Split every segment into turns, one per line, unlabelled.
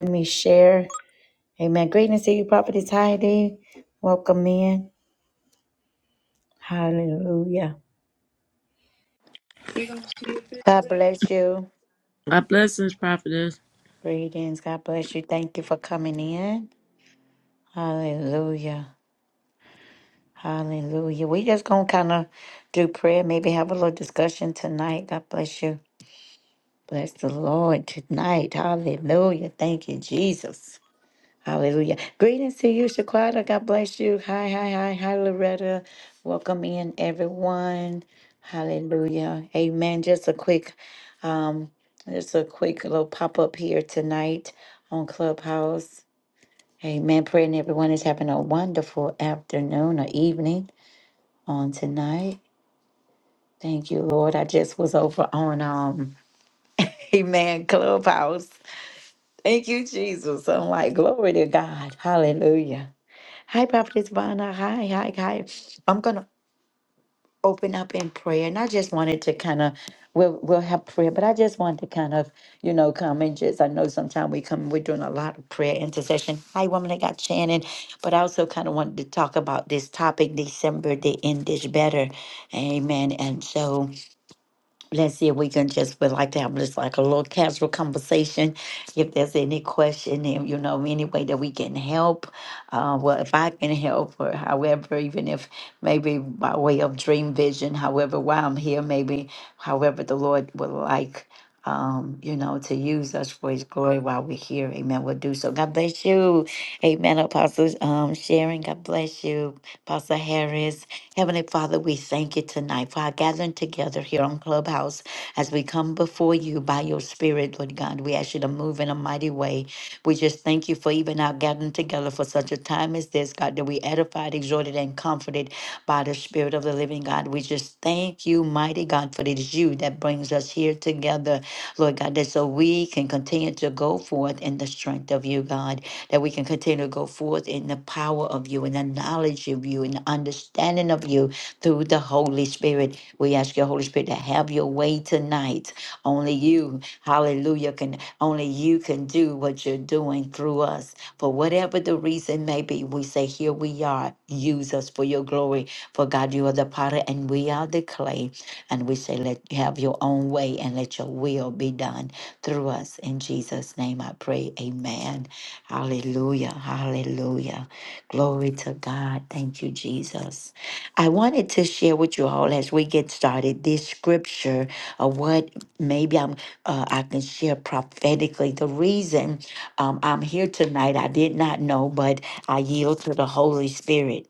Let me share. Amen. Greatness to you, Prophetess Heidi. Welcome in. Hallelujah. God bless you.
My blessings, prophetess.
Greetings. God bless you. Thank you for coming in. Hallelujah. Hallelujah. We just gonna kind of do prayer, maybe have a little discussion tonight. God bless you. Bless the Lord tonight. Hallelujah. Thank you, Jesus. Hallelujah. Greetings to you, Shaquata. God bless you. Hi, hi, hi, hi, Loretta. Welcome in, everyone. Hallelujah. Amen. Just a quick, um, just a quick little pop up here tonight on Clubhouse. Amen. Praying everyone is having a wonderful afternoon or evening on tonight. Thank you, Lord. I just was over on um, Amen Clubhouse. Thank you, Jesus. I'm like, glory to God. Hallelujah. Hi, Prophetess Vana. Hi, hi, hi. I'm gonna open up in prayer, and I just wanted to kind of we'll we'll have prayer, but I just wanted to kind of you know come and just I know sometimes we come we're doing a lot of prayer intercession. Hi, woman, I got Shannon, but I also kind of wanted to talk about this topic, December the end is better, Amen. And so let's see if we can just would like to have just like a little casual conversation. If there's any question, and you know, any way that we can help, uh, well, if I can help, or however, even if maybe by way of dream vision, however, while I'm here, maybe however the Lord would like, um, you know, to use us for His glory while we're here. Amen. We'll do so. God bless you. Amen. Apostle um, Sharon, God bless you. Apostle Harris. Heavenly Father, we thank you tonight for our gathering together here on Clubhouse as we come before you by your Spirit, Lord God. We ask you to move in a mighty way. We just thank you for even our gathering together for such a time as this, God, that we edified, exhorted, and comforted by the Spirit of the living God. We just thank you, mighty God, for it is you that brings us here together, Lord God, that so we can continue to go forth in the strength of you, God that we can continue to go forth in the power of you, in the knowledge of you, in the understanding of you through the Holy Spirit. We ask your Holy Spirit to have your way tonight. Only you, hallelujah, can only you can do what you're doing through us. For whatever the reason may be, we say, Here we are. Use us for your glory. For God, you are the potter and we are the clay. And we say, Let have your own way and let your will be done through us. In Jesus' name I pray. Amen. Hallelujah. Hallelujah. Glory to God. Thank you, Jesus. I wanted to share with you all as we get started this scripture of what maybe I'm uh, I can share prophetically. The reason um, I'm here tonight, I did not know, but I yield to the Holy Spirit.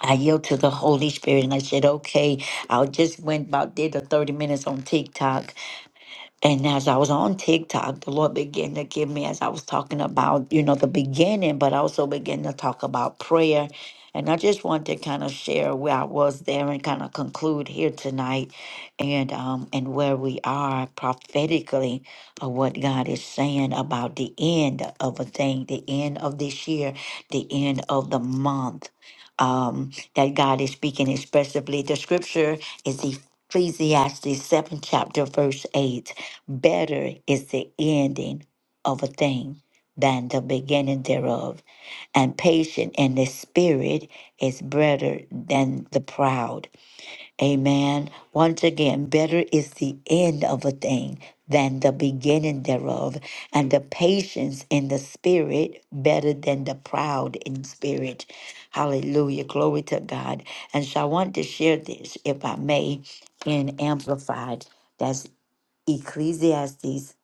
I yield to the Holy Spirit, and I said, okay. I just went about did the 30 minutes on TikTok, and as I was on TikTok, the Lord began to give me, as I was talking about, you know, the beginning, but also began to talk about prayer. And I just want to kind of share where I was there and kind of conclude here tonight and um and where we are prophetically of what God is saying about the end of a thing, the end of this year, the end of the month. Um, that God is speaking expressively. The scripture is Ecclesiastes 7 chapter verse 8 Better is the ending of a thing than the beginning thereof, and patient in the spirit is better than the proud. Amen. Once again, better is the end of a thing than the beginning thereof, and the patience in the spirit better than the proud in spirit. Hallelujah. Glory to God. And so I want to share this, if I may, in Amplified. That's. Ecclesiastes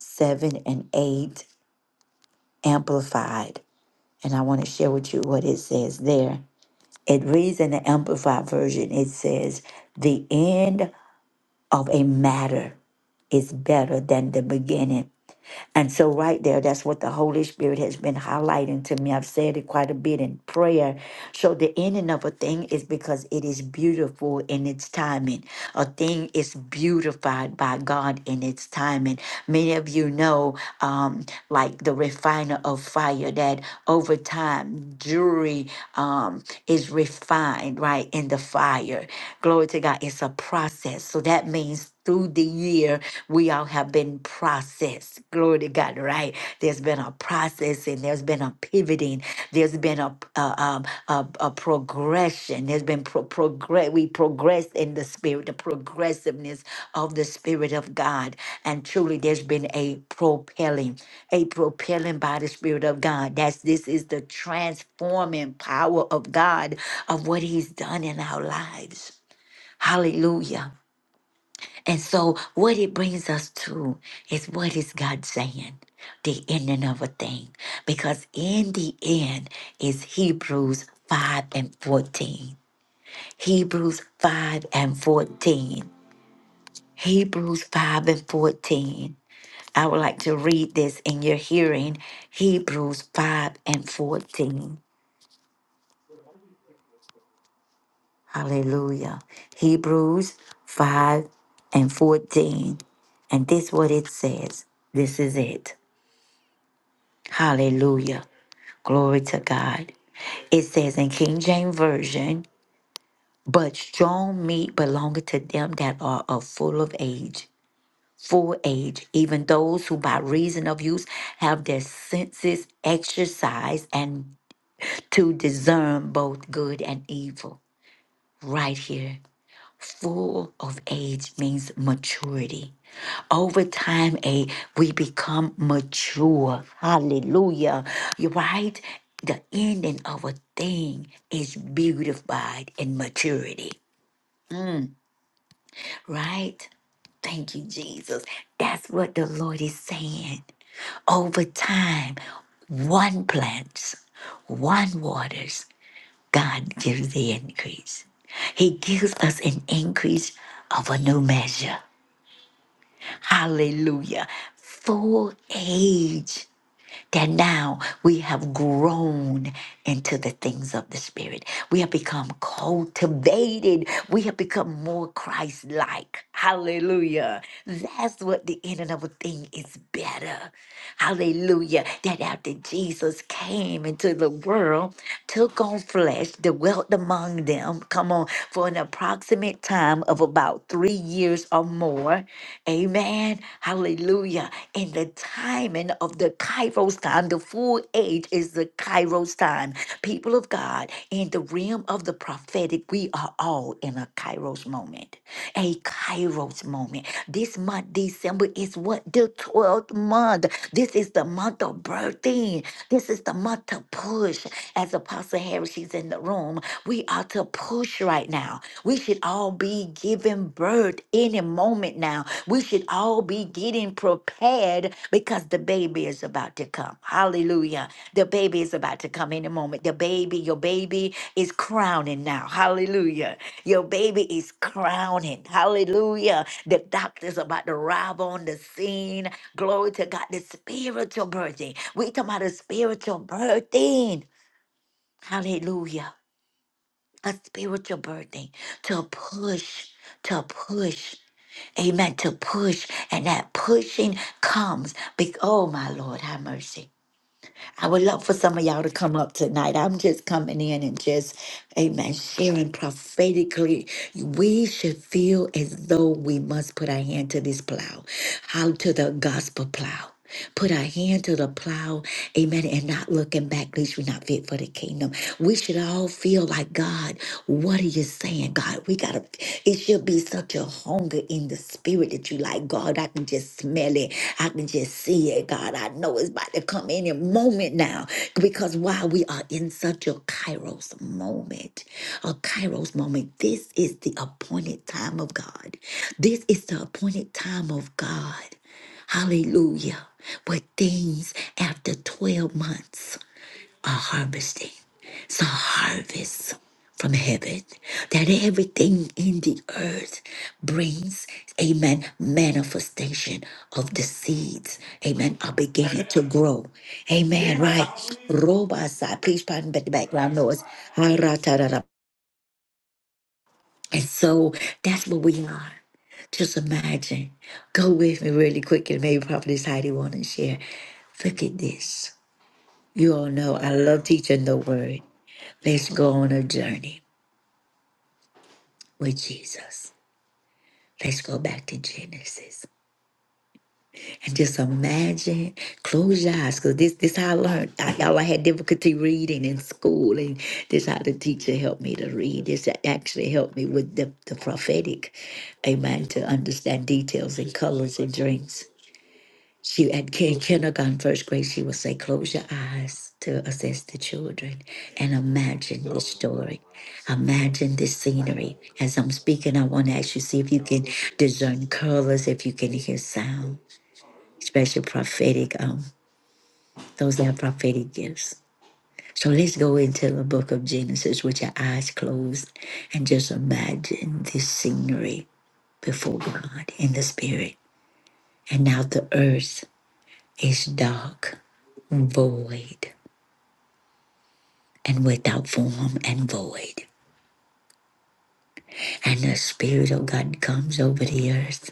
7 and 8 amplified. And I want to share with you what it says there. It reads in the amplified version it says, The end of a matter is better than the beginning. And so, right there, that's what the Holy Spirit has been highlighting to me. I've said it quite a bit in prayer. So, the ending of a thing is because it is beautiful in its timing. A thing is beautified by God in its timing. Many of you know, um, like the refiner of fire, that over time, jewelry um, is refined, right, in the fire. Glory to God. It's a process. So, that means through these year we all have been processed glory to god right there's been a processing there's been a pivoting there's been a a, um, a, a progression there's been pro- progress we progress in the spirit the progressiveness of the spirit of god and truly there's been a propelling a propelling by the spirit of god that's this is the transforming power of god of what he's done in our lives hallelujah and so, what it brings us to is what is God saying? The ending of a thing. Because in the end is Hebrews 5 and 14. Hebrews 5 and 14. Hebrews 5 and 14. I would like to read this in your hearing. Hebrews 5 and 14. Hallelujah. Hebrews 5 and 14. And this what it says. This is it. Hallelujah. Glory to God. It says in King James Version, but strong meat belongeth to them that are of full of age, full age, even those who by reason of use have their senses exercised and to discern both good and evil. Right here, full of age means maturity. over time a we become mature hallelujah you're right the ending of a thing is beautified in maturity right thank you jesus that's what the lord is saying over time one plants one waters god gives the increase he gives us an increase of a new measure hallelujah full age that now we have grown into the things of the Spirit. We have become cultivated. We have become more Christ like. Hallelujah. That's what the in and of a thing is better. Hallelujah. That after Jesus came into the world, took on flesh, dwelt among them, come on, for an approximate time of about three years or more. Amen. Hallelujah. In the timing of the Kairos time, the full age is the Kairos time. People of God, in the realm of the prophetic, we are all in a Kairos moment. A Kairos moment. This month, December, is what? The 12th month. This is the month of birthing. This is the month to push. As Apostle Harris, she's in the room. We are to push right now. We should all be giving birth any moment now. We should all be getting prepared because the baby is about to come. Hallelujah. The baby is about to come any moment. The baby, your baby is crowning now. Hallelujah. Your baby is crowning. Hallelujah. The doctor's about to arrive on the scene. Glory to God. The spiritual birthing. We talking about a spiritual birthing. Hallelujah a spiritual birthing to push, to push. Amen. To push. And that pushing comes. Be- oh, my Lord, have mercy. I would love for some of y'all to come up tonight. I'm just coming in and just, amen, sharing prophetically. We should feel as though we must put our hand to this plow, how to the gospel plow. Put our hand to the plow, amen, and not looking back, least we're not fit for the kingdom. We should all feel like, God, what are you saying, God? We gotta, it should be such such a hunger in the spirit that you like, God, I can just smell it. I can just see it, God. I know it's about to come any moment now. Because while we are in such a kairos moment, a kairos moment, this is the appointed time of God. This is the appointed time of God. Hallelujah. Where things after 12 months are harvesting some harvest from heaven that everything in the earth brings amen manifestation of the seeds amen are beginning to grow amen right robots please pardon the background noise Ha-ra-ta-ra-ra. and so that's what we are just imagine go with me really quick and maybe probably heidi want to share look at this you all know I love teaching the word. Let's go on a journey with Jesus. Let's go back to Genesis and just imagine. Close your eyes, cause this this how I learned. I, y'all, I had difficulty reading in school, and this how the teacher helped me to read. This actually helped me with the, the prophetic, amen, to understand details and colors and dreams. She at ki- kindergarten, first grade, she would say, "Close your eyes to assess the children and imagine the story, imagine the scenery." As I'm speaking, I want to ask you see if you can discern colors, if you can hear sound, especially prophetic. Um, those that have prophetic gifts. So let's go into the book of Genesis with your eyes closed and just imagine the scenery before God in the spirit. And now the earth. is dark, void, and without form and void. And the Spirit of God comes over the earth,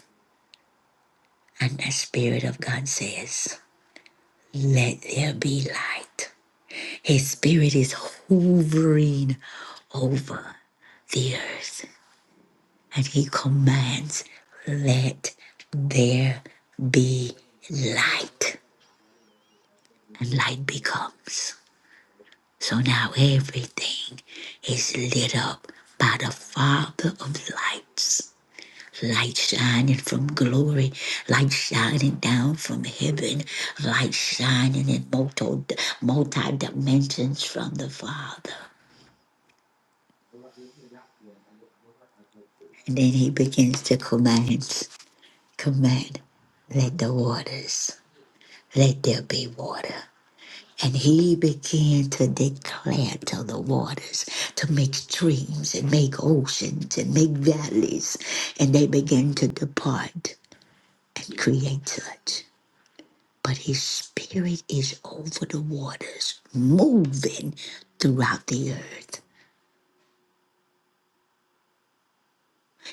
and the Spirit of God says, Let there be light. His Spirit is hovering over the earth, and He commands, Let there be light. And light becomes. So now everything is lit up by the Father of lights. Light shining from glory, light shining down from heaven, light shining in multi, multi dimensions from the Father. And then he begins to command, command, let the waters, let there be water. And he began to declare to the waters to make streams and make oceans and make valleys. And they began to depart and create such. But his spirit is over the waters, moving throughout the earth.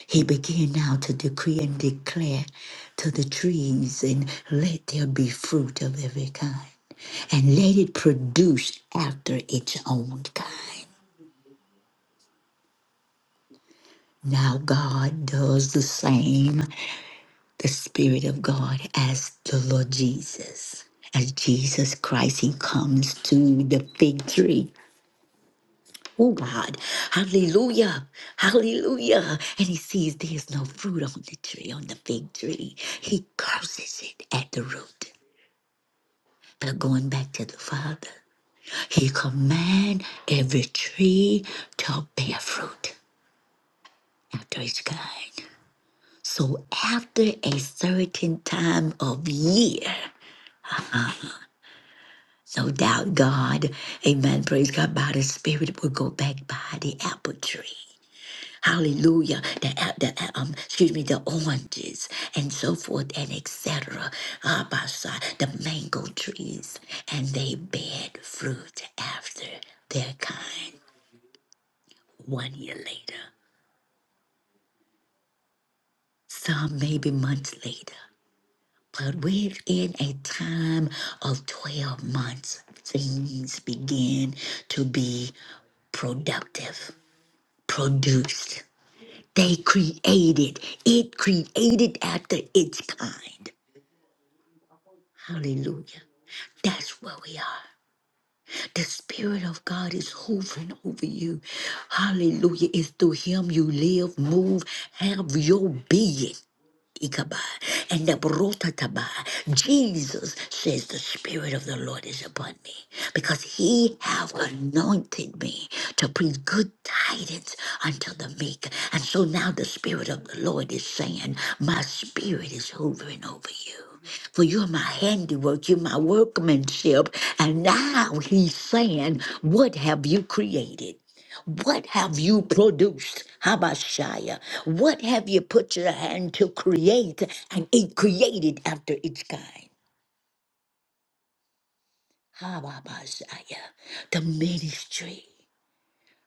He began now to decree and declare to the trees, and let there be fruit of every kind, and let it produce after its own kind. Now, God does the same, the Spirit of God, as the Lord Jesus. As Jesus Christ, He comes to the fig tree. Oh, God. Hallelujah. Hallelujah. And He sees there's no fruit on the tree, on the fig tree. He curses it at the root. But going back to the Father, He commands every tree to bear fruit after His kind. So after a certain time of year, no doubt God, amen, praise God, by the Spirit will go back by the apple tree. Hallelujah. The, uh, the uh, um, excuse me, the oranges and so forth and etc. Uh, by side, the mango trees and they bear fruit after their kind one year later, some maybe months later. But we're in a time of 12 months. Things begin to be productive, produced. They created, it created after its kind. Hallelujah. That's where we are. The Spirit of God is hovering over you. Hallelujah. It's through Him you live, move, have your being. Ikaba and the Brotataba. Jesus says the Spirit of the Lord is upon me because he have anointed me to preach good tidings unto the meek. And so now the Spirit of the Lord is saying, My spirit is hovering over you for you're my handiwork, you're my workmanship. And now he's saying, What have you created? What have you produced, Habashaya? What have you put your hand to create and it created after its kind? Habashaya, the ministry.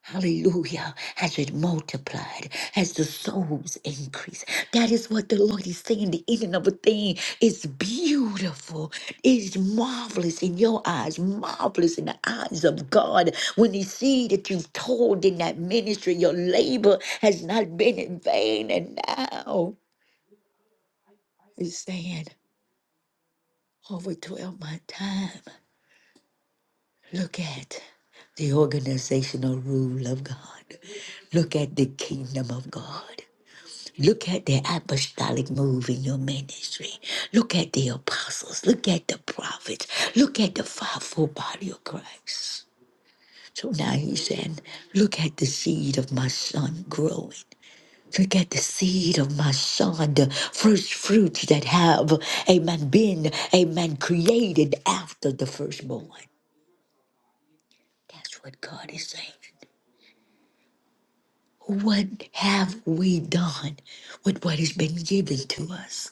Hallelujah. As it multiplied, as the souls increased. That is what the Lord is saying. The ending of a thing is beautiful, It is marvelous in your eyes, marvelous in the eyes of God. When He see that you've told in that ministry, your labor has not been in vain. And now He's saying, over 12 my time, look at the organizational rule of God. Look at the kingdom of God. Look at the apostolic move in your ministry. Look at the apostles. Look at the prophets. Look at the fivefold body of Christ. So now he's saying, Look at the seed of my son growing. Look at the seed of my son, the first fruits that have, amen, been, amen, created after the firstborn. That's what God is saying. What have we done with what has been given to us?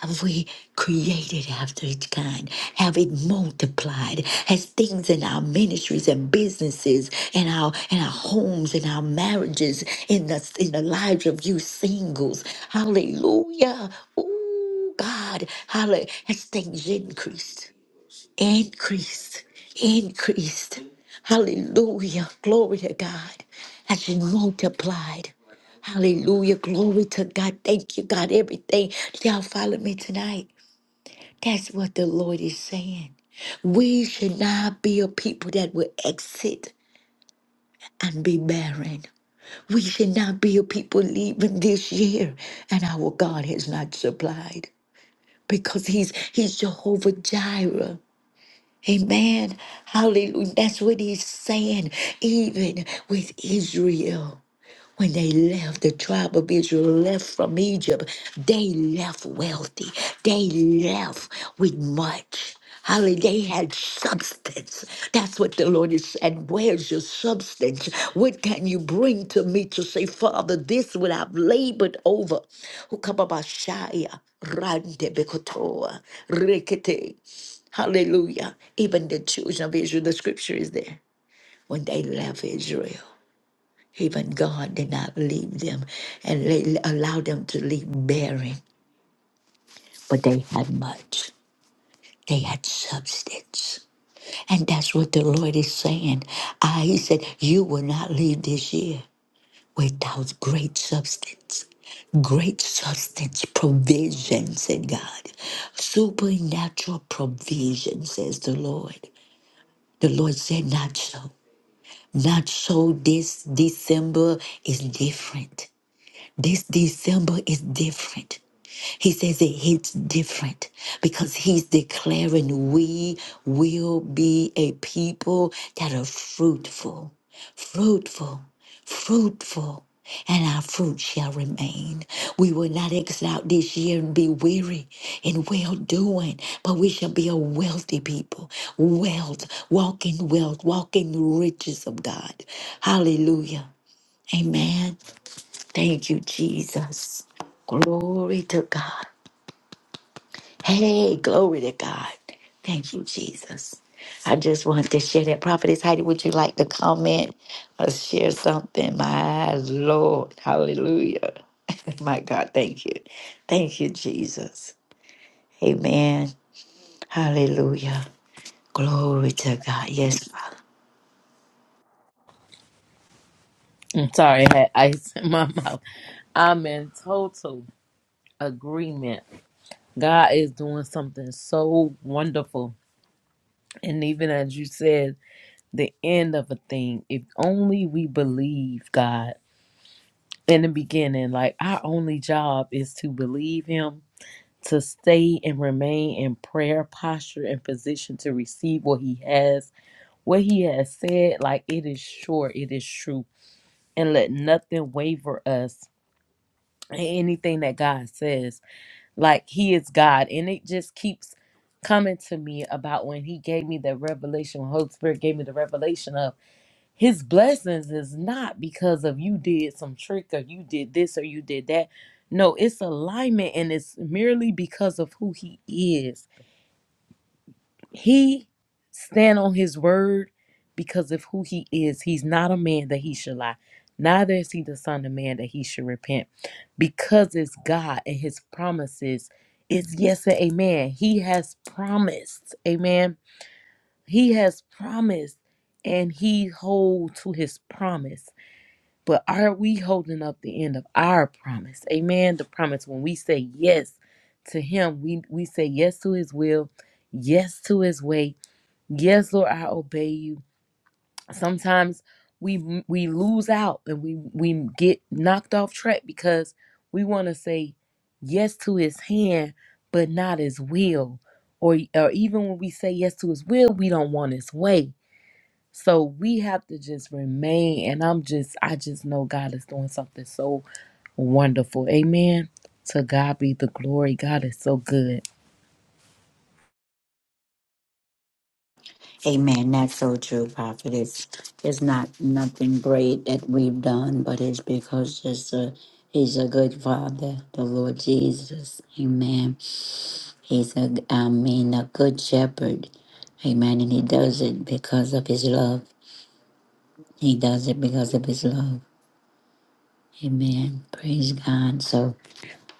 Have we created after its kind? Have it multiplied? Has things in our ministries and businesses and our in our homes and our marriages in the in the lives of you singles? Hallelujah. Oh God. Hallelujah. Has things increased? increased, increased. Hallelujah. Glory to God. As she multiplied. Hallelujah. Glory to God. Thank you, God. Everything shall follow me tonight. That's what the Lord is saying. We should not be a people that will exit and be barren. We should not be a people leaving this year and our God has not supplied because he's he's Jehovah Jireh. Amen. Hallelujah. That's what he's saying, even with Israel. When they left, the tribe of Israel left from Egypt, they left wealthy. They left with much. Hallelujah. They had substance. That's what the Lord is saying. Where's your substance? What can you bring to me to say, Father, this what I've labored over? Who Rande Bekotoa. Rekete. Hallelujah. Even the children of Israel, the scripture is there. When they left Israel, even God did not leave them and they allowed them to leave barren. But they had much, they had substance. And that's what the Lord is saying. Ah, he said, You will not leave this year without great substance great substance, provision, said God. Supernatural provision, says the Lord. The Lord said, Not so. Not so this December is different. This December is different. He says it hits different because he's declaring we will be a people that are fruitful, fruitful, fruitful, and our fruit shall remain. We will not exit out this year and be weary in well doing, but we shall be a wealthy people. Wealth, walking wealth, walking riches of God. Hallelujah. Amen. Thank you, Jesus. Glory to God. Hey, glory to God. Thank you, Jesus. I just wanted to share that. Prophetess Heidi, would you like to comment or share something? My Lord. Hallelujah. My God, thank you. Thank you, Jesus. Amen. Hallelujah. Glory to God. Yes, Father.
I'm sorry, I had ice in my mouth. I'm in total agreement. God is doing something so wonderful. And even as you said, the end of a thing, if only we believe God in the beginning, like our only job is to believe Him, to stay and remain in prayer posture and position to receive what He has, what He has said, like it is sure, it is true. And let nothing waver us anything that God says. Like He is God, and it just keeps coming to me about when He gave me the revelation. When Holy Spirit gave me the revelation of His blessings is not because of you did some trick or you did this or you did that. No, it's alignment, and it's merely because of who He is. He stand on his word because of who he is. He's not a man that he should lie. Neither is he the son of man that he should repent. Because it's God and his promises is yes and amen. He has promised. Amen. He has promised and he holds to his promise. But are we holding up the end of our promise? Amen. The promise when we say yes to him, we, we say yes to his will, yes to his way, Yes, Lord, I obey you. Sometimes we we lose out and we we get knocked off track because we want to say yes to his hand but not his will. Or or even when we say yes to his will, we don't want his way. So we have to just remain and I'm just I just know God is doing something so wonderful. Amen. To God be the glory. God is so good.
Amen. That's so true, Prophet. It's, it's not nothing great that we've done, but it's because it's a, He's a good Father, the Lord Jesus. Amen. He's a, I mean, a good shepherd. Amen. And He does it because of His love. He does it because of His love. Amen. Praise God. So.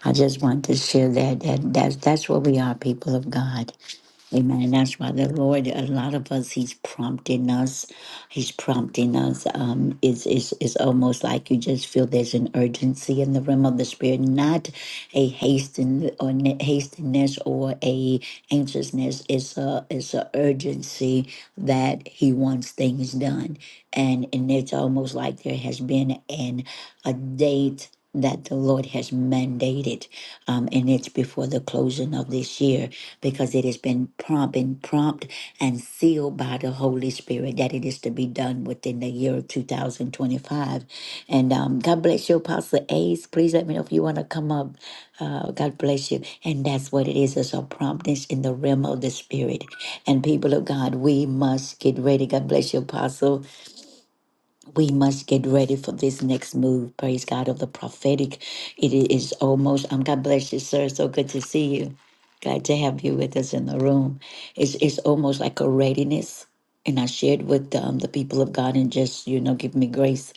I just want to share that, that that's that's what we are, people of God. Amen. that's why the Lord, a lot of us, He's prompting us. He's prompting us. Um, it's, it's, it's almost like you just feel there's an urgency in the realm of the Spirit, not a hasten or ne- hastiness or a anxiousness. It's a it's a urgency that He wants things done, and and it's almost like there has been an a date that the Lord has mandated, um, and it's before the closing of this year because it has been prompt and prompt and sealed by the Holy Spirit that it is to be done within the year of 2025. And um, God bless you, Apostle Ace. Please let me know if you want to come up. Uh, God bless you. And that's what it is. It's a promptness in the realm of the spirit. And people of God, we must get ready. God bless you, Apostle we must get ready for this next move. Praise God of the prophetic. It is almost. Um, God bless you, sir. So good to see you. Glad to have you with us in the room. It's it's almost like a readiness, and I shared with um, the people of God and just you know give me grace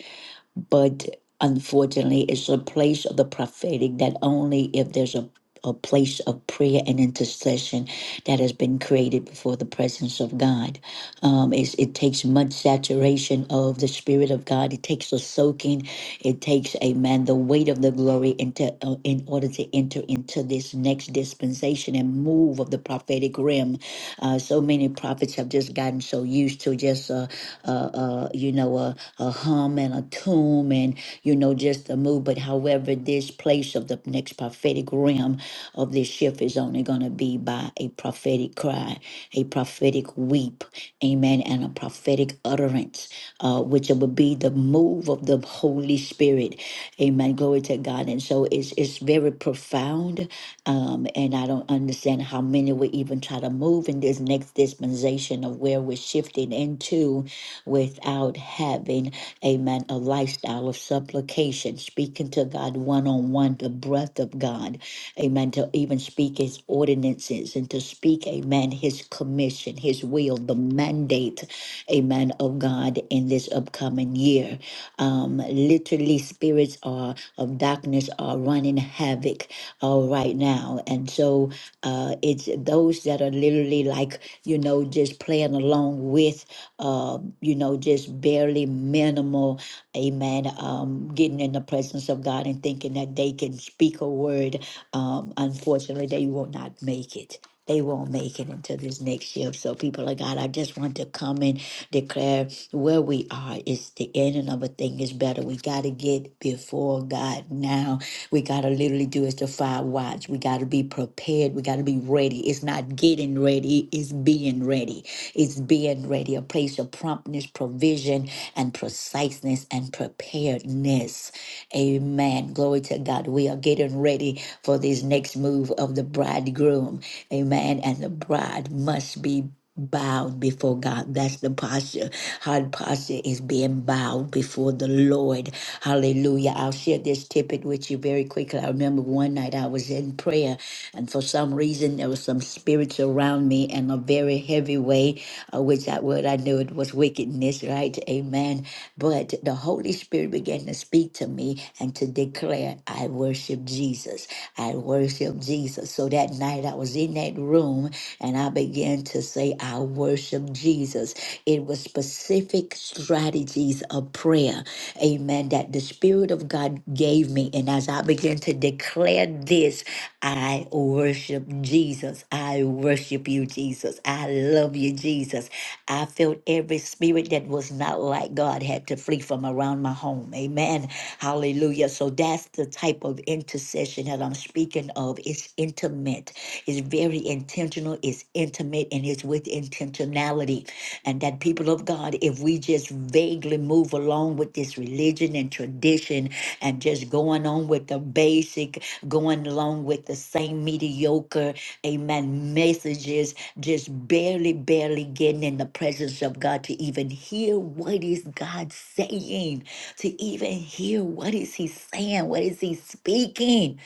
but unfortunately it's a place of the prophetic that only if there's a a place of prayer and intercession that has been created before the presence of God. Um, it's, it takes much saturation of the Spirit of God. It takes a soaking. It takes, amen, the weight of the glory into, uh, in order to enter into this next dispensation and move of the prophetic realm. Uh, so many prophets have just gotten so used to just, uh, uh, uh, you know, a a hum and a tune and, you know, just a move. But however, this place of the next prophetic realm of this shift is only going to be by a prophetic cry, a prophetic weep, amen, and a prophetic utterance, uh, which will be the move of the Holy Spirit. Amen. Glory to God. And so it's, it's very profound. Um, and I don't understand how many will even try to move in this next dispensation of where we're shifting into without having Amen. A lifestyle of supplication, speaking to God one on one, the breath of God. Amen. To even speak his ordinances and to speak, amen, his commission, his will, the mandate, amen, of God in this upcoming year. Um, literally, spirits are of darkness are running havoc uh, right now. And so uh, it's those that are literally like, you know, just playing along with uh, you know, just barely minimal, amen, um, getting in the presence of God and thinking that they can speak a word. Um, unfortunately, they will not make it. They won't make it until this next year. So, people of God, I just want to come in declare where we are is the ending of a thing is better. We got to get before God now. We got to literally do is the fire watch. We got to be prepared. We got to be ready. It's not getting ready, it's being ready. It's being ready. A place of promptness, provision, and preciseness and preparedness. Amen. Glory to God. We are getting ready for this next move of the bridegroom. Amen. And the bride must be bowed before God. That's the posture. Hard posture is being bowed before the Lord. Hallelujah. I'll share this tidbit with you very quickly. I remember one night I was in prayer, and for some reason there was some spirits around me in a very heavy way, uh, which I would I knew it was wickedness, right? Amen. But the Holy Spirit began to speak to me and to declare, I worship Jesus. I worship Jesus. So that night I was in that room and I began to say, I worship Jesus. It was specific strategies of prayer, amen, that the Spirit of God gave me. And as I began to declare this, I worship Jesus. I worship you, Jesus. I love you, Jesus. I felt every spirit that was not like God had to flee from around my home. Amen. Hallelujah. So that's the type of intercession that I'm speaking of. It's intimate, it's very intentional, it's intimate, and it's with intentionality. And that people of God, if we just vaguely move along with this just religion and tradition and just going on with the basic, going along with the same mediocre, amen, messages, just barely, barely getting in the presence of God to even hear what is God saying, to even hear what is he saying, what is he speaking.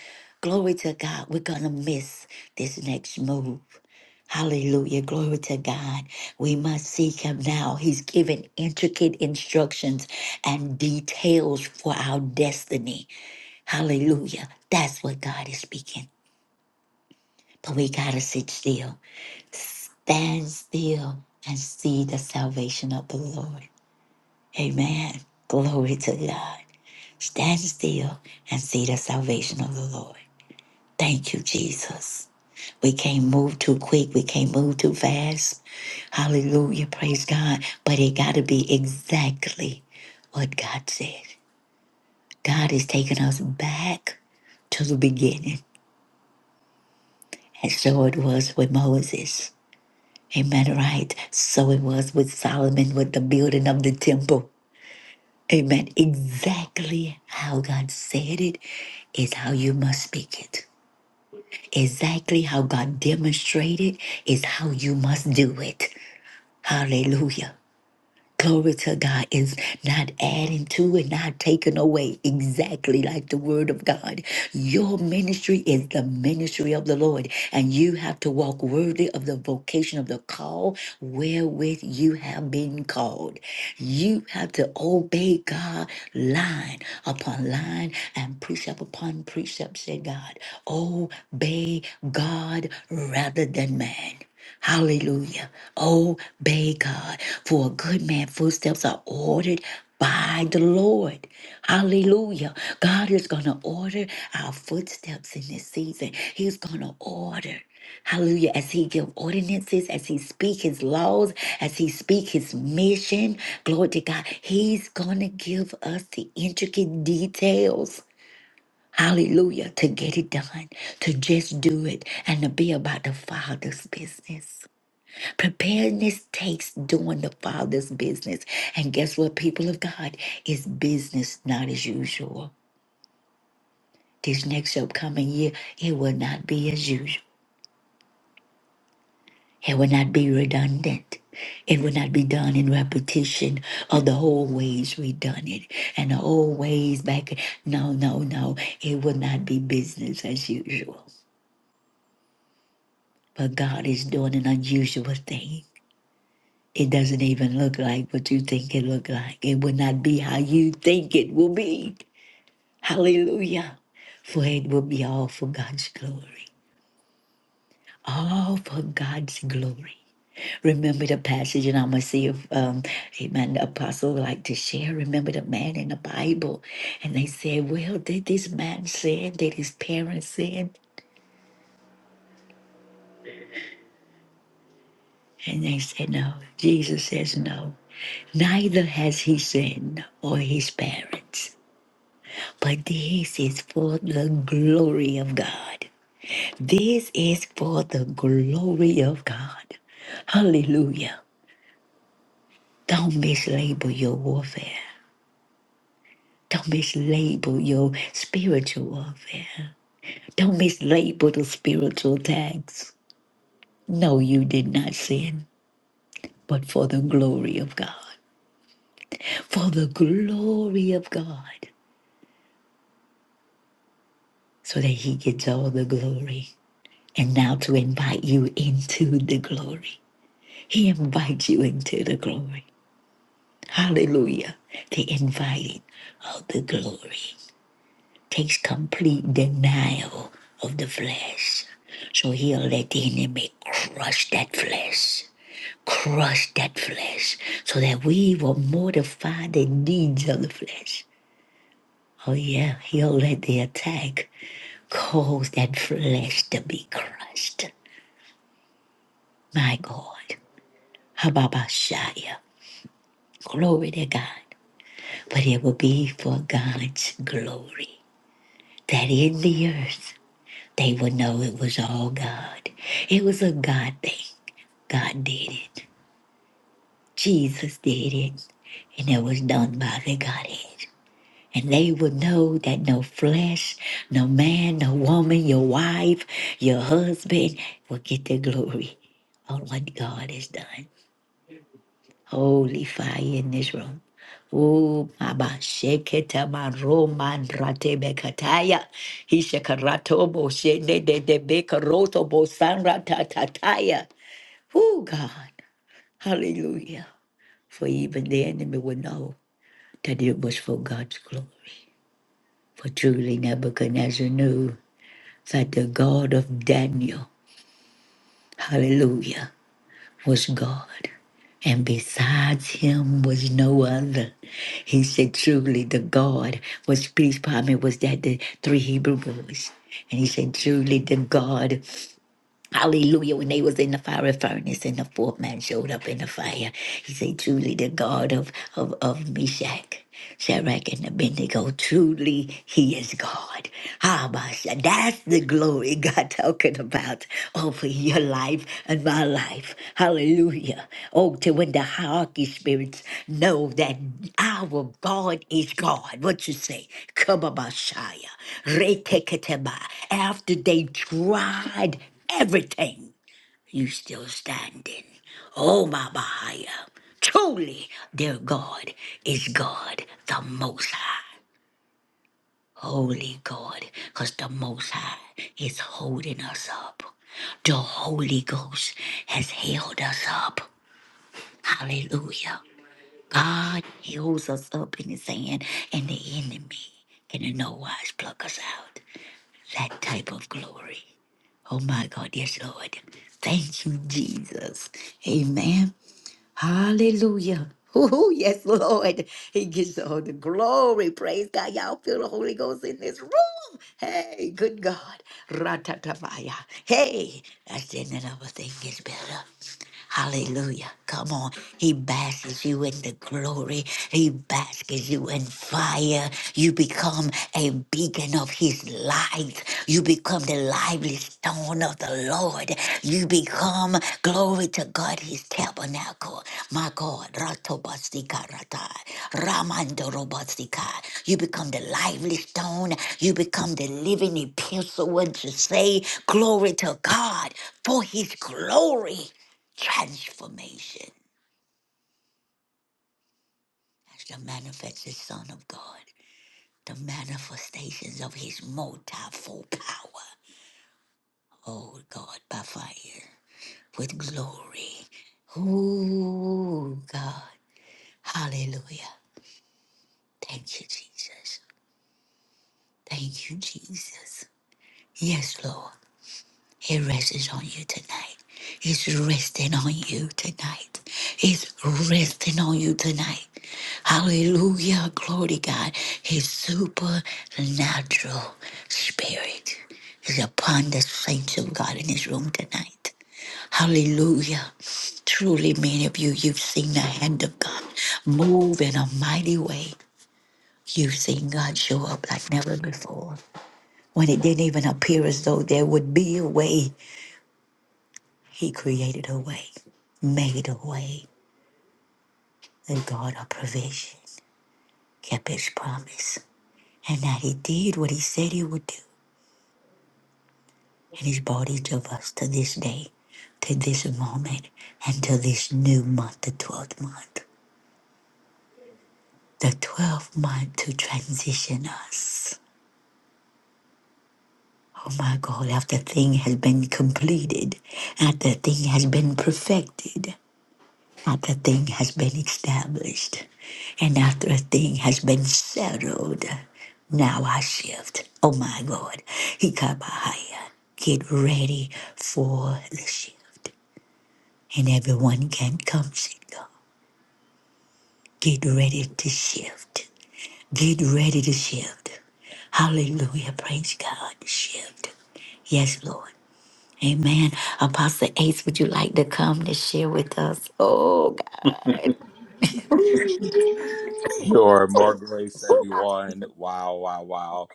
Glory to God, we're going to miss this next move. Hallelujah. Glory to God. We must seek him now. He's given intricate instructions and details for our destiny. Hallelujah. That's what God is speaking. But we got to sit still, stand still, and see the salvation of the Lord. Amen. Glory to God. Stand still and see the salvation of the Lord. Thank you, Jesus. We can't move too quick. We can't move too fast. Hallelujah. Praise God. But it got to be exactly what God said. God is taking us back to the beginning. And so it was with Moses. Amen. Right. So it was with Solomon with the building of the temple. Amen. Exactly how God said it is how you must speak it. Exactly how God demonstrated is how you must do it. Hallelujah. Glory to God is not adding to and not taking away, exactly like the Word of God. Your ministry is the ministry of the Lord, and you have to walk worthy of the vocation of the call wherewith you have been called. You have to obey God line upon line and precept upon precept, Said God. Obey God rather than man. Hallelujah. Obey God. For a good man, footsteps are ordered by the Lord. Hallelujah. God is going to order our footsteps in this season. He's going to order. Hallelujah. As he give ordinances, as he speak his laws, as he speak his mission, glory to God. He's going to give us the intricate details. Hallelujah. To get it done, to just do it, and to be about the Father's business. Preparedness takes doing the Father's business. And guess what, people of God? It's business, not as usual. This next upcoming year, it will not be as usual. It will not be redundant. It will not be done in repetition of the old ways we done it and the old ways back. No, no, no. It will not be business as usual. But God is doing an unusual thing. It doesn't even look like what you think it look like. It will not be how you think it will be. Hallelujah. For it will be all for God's glory. All for God's glory. Remember the passage, and I'm going to see if, um, amen, the apostle would like to share. Remember the man in the Bible. And they said, well, did this man sin? Did his parents sin? And they said, no. Jesus says, no. Neither has he sinned or his parents. But this is for the glory of God. This is for the glory of God. Hallelujah. Don't mislabel your warfare. Don't mislabel your spiritual warfare. Don't mislabel the spiritual tags. No, you did not sin, but for the glory of God. For the glory of God, so that He gets all the glory. And now to invite you into the glory. He invites you into the glory. Hallelujah. The inviting of the glory takes complete denial of the flesh. So he'll let the enemy crush that flesh. Crush that flesh so that we will mortify the deeds of the flesh. Oh, yeah, he'll let the attack cause that flesh to be crushed. My God. Hababashaya. Glory to God. but it will be for God's glory. That in the earth they would know it was all God. It was a God thing. God did it. Jesus did it. And it was done by the Godhead. And they would know that no flesh, no man, no woman, your wife, your husband will get the glory on what God has done. Holy fire in this room. Oh, Baba, sheketa maro mandrate bekataya. Hishakarato bo shene de de bekaroto bo sanrata tataya. Oh, God. Hallelujah. For even the enemy would know that it was for God's glory. For truly Nebuchadnezzar knew that the God of Daniel, hallelujah. was God, and besides him was no other. He said, Truly, the God was peace. Pardon me, was that the three Hebrew boys? And he said, Truly, the God Hallelujah. When they was in the fiery furnace and the fourth man showed up in the fire, he said, Truly the God of, of, of Meshach, Shadrach, and Abednego, truly he is God. Ah, Basha, That's the glory God talking about over your life and my life. Hallelujah. Oh, to when the hierarchy spirits know that our God is God. What you say? Come on, Basha. Reteketeba. After they tried everything, you still standing. Oh, my Bahia. Truly, their God is God, the Most High. Holy God, because the Most High is holding us up. The Holy Ghost has held us up. Hallelujah. God he holds us up in his hand, and the enemy can in no wise pluck us out. that type of glory. Oh my God, yes, Lord. Thank you, Jesus. Amen. Hallelujah. Oh, yes, Lord. He gets all the glory. Praise God. Y'all feel the Holy Ghost in this room. Hey, good God. Ratatabaya. Hey, that's the end of the thing gets better. Hallelujah. Come on. He basks you in the glory. He basks you in fire. You become a beacon of his light. You become the lively stone of the Lord. You become, glory to God, his tabernacle. My God, Ratobastika Rata, Ramandorobastika. You become the lively stone. You become the living epistle, what you say, glory to God for his glory. Transformation as the manifested Son of God the manifestations of his multifold power. Oh God, by fire, with glory. Oh God, hallelujah. Thank you, Jesus. Thank you, Jesus. Yes, Lord. He rests on you tonight. He's resting on you tonight. He's resting on you tonight. Hallelujah. Glory to God. His supernatural spirit is upon the saints of God in this room tonight. Hallelujah. Truly, many of you, you've seen the hand of God move in a mighty way. You've seen God show up like never before. When it didn't even appear as though there would be a way, he created a way, made a way, and God our provision, kept his promise. And that he did what he said he would do. And he's brought each of us to this day, to this moment, and to this new month, the 12th month. The 12th month to transition us. Oh my God, after thing has been completed, after thing has been perfected. After a thing has been established and after a thing has been settled, now I shift. Oh my God. He got higher. Get ready for the shift. And everyone can come, sit Get ready to shift. Get ready to shift. Hallelujah. Praise God. Shift. Yes, Lord. Amen. Apostle Ace, would you like to come to share with us? Oh,
Sure, more grace, everyone. Wow, wow, wow.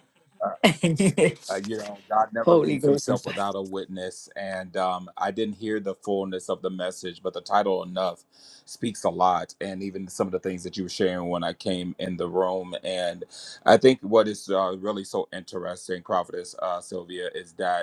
God.
Uh, you know, God never
Holy
leaves himself
Ghost.
without a witness. And um, I didn't hear the fullness of the message, but the title Enough speaks a lot. And even some of the things that you were sharing when I came in the room. And I think what is uh, really so interesting, Prophetess uh, Sylvia, is that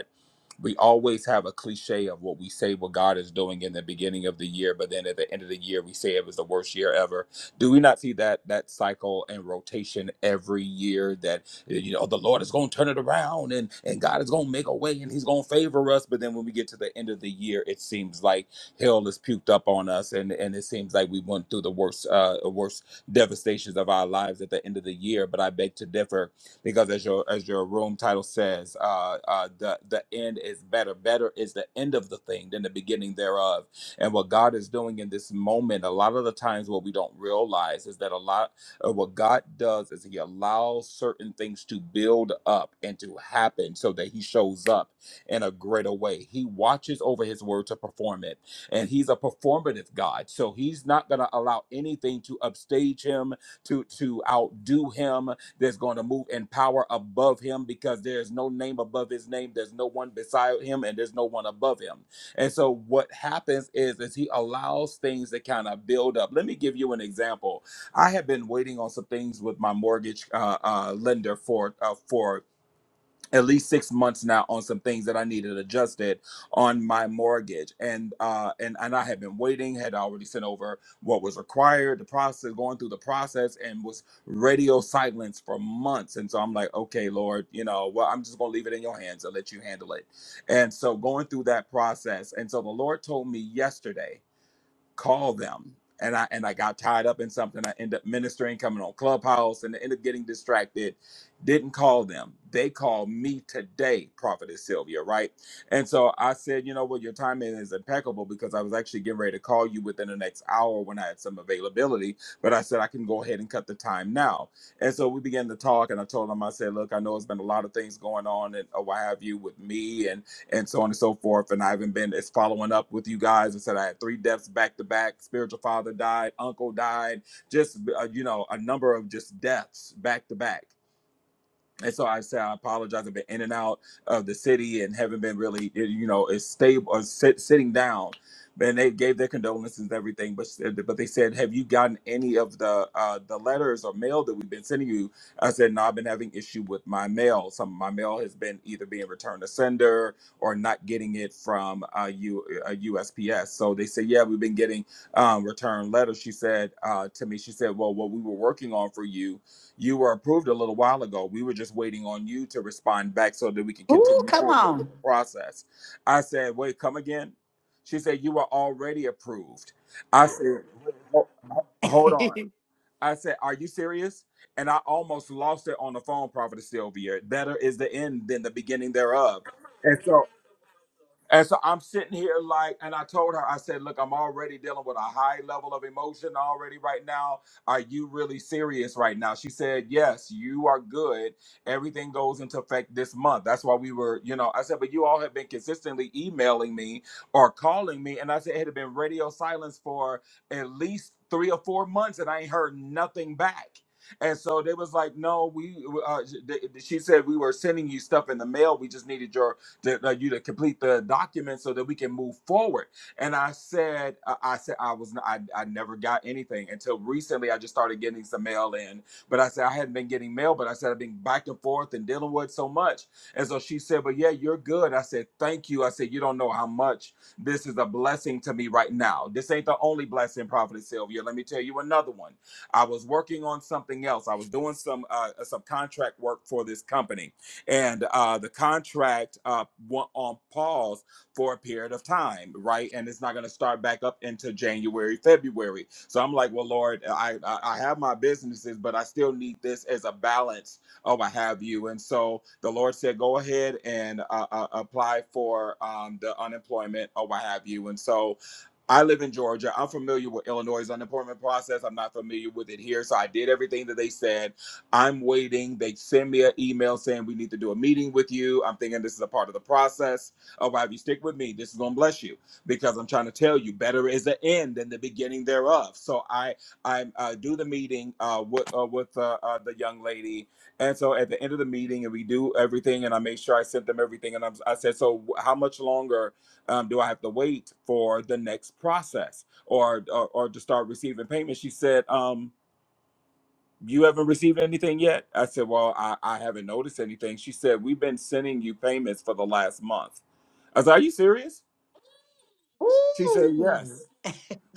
we always have a cliche of what we say what God is doing in the beginning of the year, but then at the end of the year we say it was the worst year ever. Do we not see that that cycle and rotation every year that you know the Lord is gonna turn it around and, and God is gonna make a way and he's gonna favor us. But then when we get to the end of the year, it seems like hell is puked up on us and, and it seems like we went through the worst uh worst devastations of our lives at the end of the year. But I beg to differ because as your as your room title says, uh, uh, the the end is better. Better is the end of the thing than the beginning thereof. And what God is doing in this moment, a lot of the times what we don't realize is that a lot of what God does is He allows certain things to build up and to happen so that He shows up in a greater way. He watches over His word to perform it, and He's a performative God, so He's not going to allow anything to upstage Him, to to outdo Him, that's going to move in power above him because there is no name above his name. There's no one beside him and there's no one above him. And so what happens is, is he allows things to kind of build up. Let me give you an example. I have been waiting on some things with my mortgage uh, uh, lender for uh, for at least six months now on some things that I needed adjusted on my mortgage, and uh, and and I had been waiting, had already sent over what was required, the process, going through the process, and was radio silence for months, and so I'm like, okay, Lord, you know, well, I'm just gonna leave it in your hands and let you handle it, and so going through that process, and so the Lord told me yesterday call them and i and i got tied up in something i ended up ministering coming on clubhouse and ended up getting distracted didn't call them they called me today prophetess sylvia right and so i said you know what your timing is impeccable because i was actually getting ready to call you within the next hour when i had some availability but i said i can go ahead and cut the time now and so we began to talk and i told them i said look i know it's been a lot of things going on and or what have you with me and and so on and so forth. And I haven't been as following up with you guys. I said I had three deaths back to back. Spiritual father died, uncle died, just uh, you know a number of just deaths back to back and so I said, I apologize. I've been in and out of the city and haven't been really, eh, you know, as stable or sit, sitting down. And they gave their condolences and everything, but but they said, "Have you gotten any of the uh, the letters or mail that we've been sending you?" I said, "No, I've been having issue with my mail. Some of my mail has been either being returned to sender or not getting it from uh, U, uh, USPS." So they said, "Yeah, we've been getting um, return letters." She said uh, to me, "She said, well, what we were working on for you." You were approved a little while ago. We were just waiting on you to respond back so that we can
Ooh,
continue
come
forward with
on.
the process. I said, wait, come again? She said, you were already approved. I said, "Ho- ho- hold on. I said, are you serious? And I almost lost it on the phone, Prophet Sylvia. Better is the end than the beginning thereof. and so. And so I'm sitting here like, and I told her, I said, look, I'm already dealing with a high level of emotion already right now. Are you really serious right now? She said, yes, you are good. Everything goes into effect this month. That's why we were, you know, I said, but you all have been consistently emailing me or calling me. And I said, it had been radio silence for at least three or four months and I ain't heard nothing back. And so they was like, no, we, uh, sh- they- she said, we were sending you stuff in the mail. We just needed your that uh, you to complete the document so that we can move forward. And I said, uh, I said I was, I, I never got anything until recently. I just started getting some mail in, but I said I hadn't been getting mail, but I said I've been back and forth and dealing with so much. And so she said, "But yeah, you're good." I said, "Thank you." I said, "You don't know how much this is a blessing to me right now. This ain't the only blessing, Prophet Sylvia. Let me tell you another one. I was working on something else. I was doing some uh, some contract work for this company." and uh, the contract uh, went on pause for a period of time, right? And it's not going to start back up into January, February. So I'm like, well, Lord, I I have my businesses, but I still need this as a balance of I have you. And so the Lord said, go ahead and uh, uh, apply for um, the unemployment or what have you. And so. I live in Georgia. I'm familiar with Illinois' unemployment process. I'm not familiar with it here. So I did everything that they said. I'm waiting. They send me an email saying we need to do a meeting with you. I'm thinking this is a part of the process. Oh, well, if you stick with me, this is gonna bless you because I'm trying to tell you, better is the end than the beginning thereof. So I I uh, do the meeting uh, with uh, with uh, uh, the young lady, and so at the end of the meeting, and we do everything, and I make sure I sent them everything, and I'm, I said, so how much longer um, do I have to wait for the next process or or, or to start receiving payments? She said. Um, you haven't received anything yet? I said, Well, I, I haven't noticed anything. She said, We've been sending you payments for the last month. I said, Are you serious? She said, Yes
Ooh,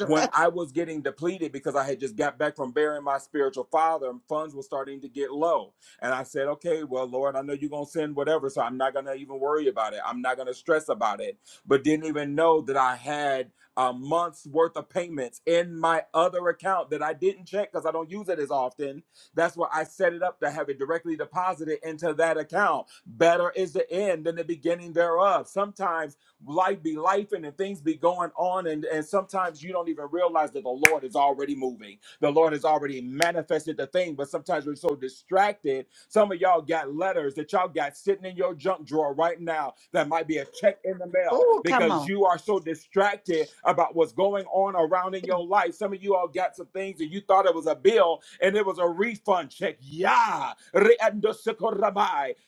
when I was getting depleted because I had just got back from burying my spiritual father and funds were starting to get low. And I said, okay, well, Lord, I know you're going to send whatever, so I'm not going to even worry about it. I'm not going to stress about it. But didn't even know that I had a month's worth of payments in my other account that I didn't check because I don't use it as often. That's why I set it up to have it directly deposited into that account. Better is the end than the beginning thereof. Sometimes life be life and, and things be going on and, and sometimes you don't even realize that the lord is already moving the lord has already manifested the thing but sometimes we're so distracted some of y'all got letters that y'all got sitting in your junk drawer right now that might be a check in the mail
ooh, come
because
on.
you are so distracted about what's going on around in your life. Some of you all got some things that you thought it was a bill and it was a refund check. Yeah.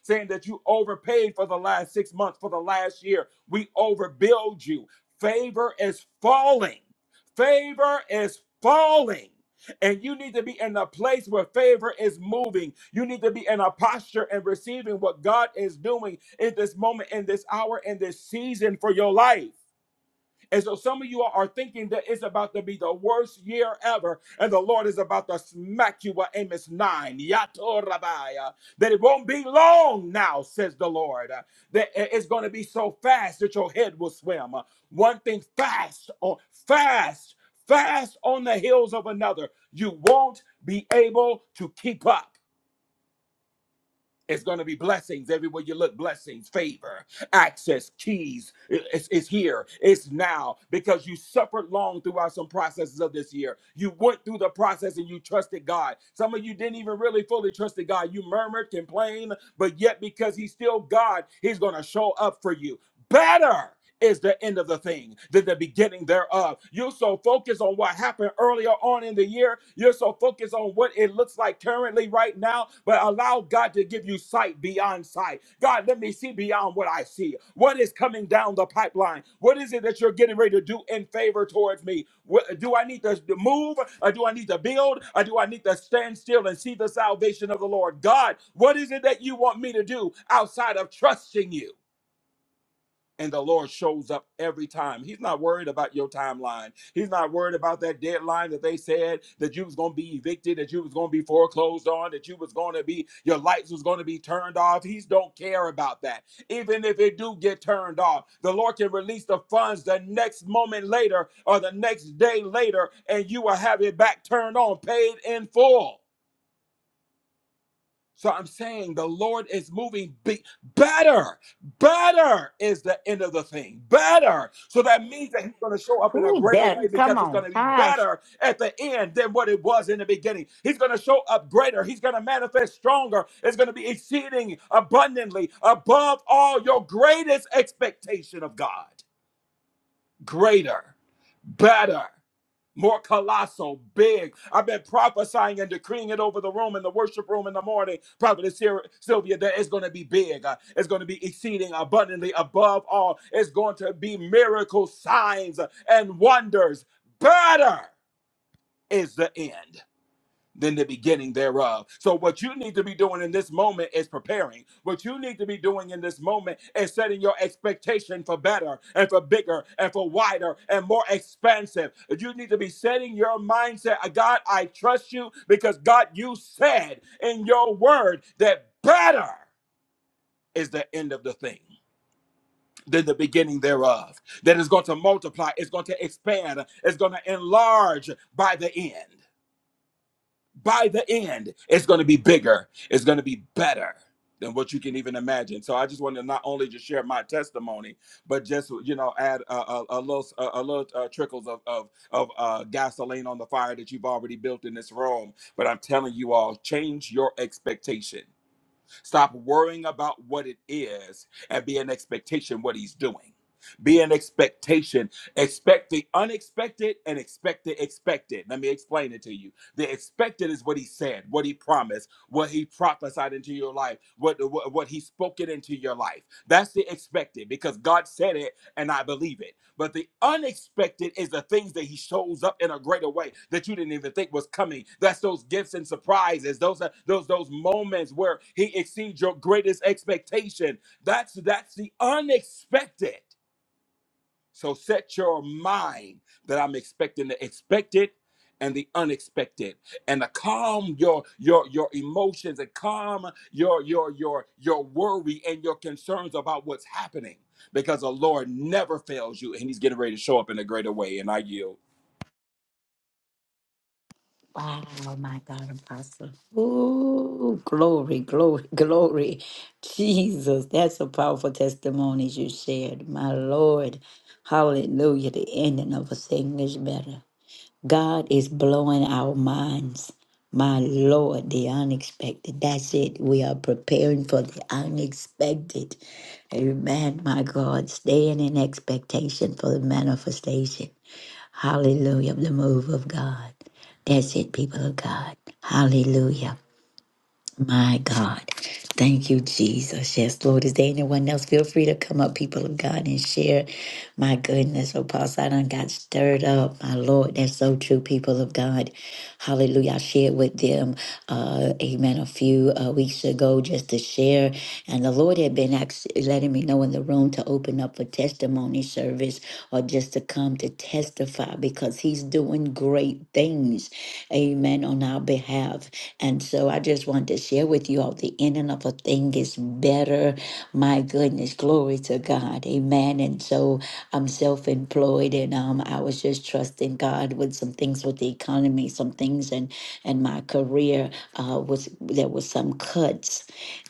Saying that you overpaid for the last six months, for the last year. We overbilled you. Favor is falling. Favor is falling. And you need to be in a place where favor is moving. You need to be in a posture and receiving what God is doing in this moment, in this hour, in this season for your life. And so some of you are thinking that it's about to be the worst year ever, and the Lord is about to smack you with Amos 9. Yatorabaya. That it won't be long now, says the Lord. That it's going to be so fast that your head will swim. One thing fast on fast, fast on the heels of another. You won't be able to keep up. It's going to be blessings everywhere you look. Blessings, favor, access, keys. It's, it's here. It's now because you suffered long throughout some processes of this year. You went through the process and you trusted God. Some of you didn't even really fully trust God. You murmured, complained, but yet because He's still God, He's going to show up for you better is the end of the thing, than the beginning thereof. You're so focused on what happened earlier on in the year. You're so focused on what it looks like currently right now, but allow God to give you sight beyond sight. God, let me see beyond what I see. What is coming down the pipeline? What is it that you're getting ready to do in favor towards me? What, do I need to move or do I need to build or do I need to stand still and see the salvation of the Lord? God, what is it that you want me to do outside of trusting you? and the Lord shows up every time. He's not worried about your timeline. He's not worried about that deadline that they said that you was going to be evicted, that you was going to be foreclosed on, that you was going to be your lights was going to be turned off. He don't care about that. Even if it do get turned off, the Lord can release the funds the next moment later or the next day later and you will have it back turned on, paid in full. So I'm saying the Lord is moving big, better. Better is the end of the thing. Better. So that means that He's going to show up in a
Ooh,
greater
better.
way
Come
because it's going
on.
to be
Gosh.
better at the end than what it was in the beginning. He's going to show up greater. He's going to manifest stronger. It's going to be exceeding abundantly above all your greatest expectation of God. Greater. Better more colossal, big. I've been prophesying and decreeing it over the room in the worship room in the morning. Prophetess Syl- Sylvia, that it's going to be big. Uh, It's going to be exceeding abundantly above all. It's going to be miracle signs and wonders. Better is the end than the beginning thereof. So, what you need to be doing in this moment is preparing. What you need to be doing in this moment is setting your expectation for better and for bigger and for wider and more expansive. You need to be setting your mindset "Uh, God, I trust you because God, you said in your word that better is the end of the thing. Than the beginning thereof, that is going to multiply, it's going to expand, it's going to enlarge by the end by the end, it's going to be bigger. It's going to be better than what you can even imagine. So I just want to not only just share my testimony, but just you know add a, a, a little a, a little uh, trickles of of, of uh, gasoline on the fire that you've already built in this room. But I'm telling you all, change your expectation. Stop worrying about what it is and be in expectation what he's doing. Be in expectation. Expect the unexpected and expect the expected. Let me explain it to you. The expected is what he said, what he promised, what he prophesied into your life, what, what, what he spoke it into your life. That's the expected because God said it and I believe it. But the unexpected is the things that he shows up in a greater way that you didn't even think was coming. That's those gifts and surprises. Those are those those moments where he exceeds your greatest expectation. That's that's the unexpected. So set your mind that I'm expecting the expected and the unexpected, and to calm your your your emotions and calm your your your your worry and your concerns about what's happening, because the Lord never fails you, and He's getting ready to show up in a greater way. And I yield.
Wow, my God, Apostle. Ooh, glory, glory, glory. Jesus, that's a powerful testimony you shared. My Lord. Hallelujah. The ending of a thing is better. God is blowing our minds. My Lord, the unexpected. That's it. We are preparing for the unexpected. Amen, my God. Staying in expectation for the manifestation. Hallelujah. Of the move of God. That's it, people of God. Hallelujah. My God. Thank you, Jesus. Yes, Lord. Is there anyone else? Feel free to come up, people of God, and share. My goodness, Apostle, I done got stirred up. My Lord, that's so true, people of God. Hallelujah. I shared with them, uh, amen, a few uh, weeks ago just to share. And the Lord had been actually letting me know in the room to open up a testimony service or just to come to testify because He's doing great things, amen, on our behalf. And so I just wanted to share with you all the ending of a thing is better. My goodness, glory to God. Amen. And so I'm self employed and um, I was just trusting God with some things with the economy, some things and and my career uh, was there was some cuts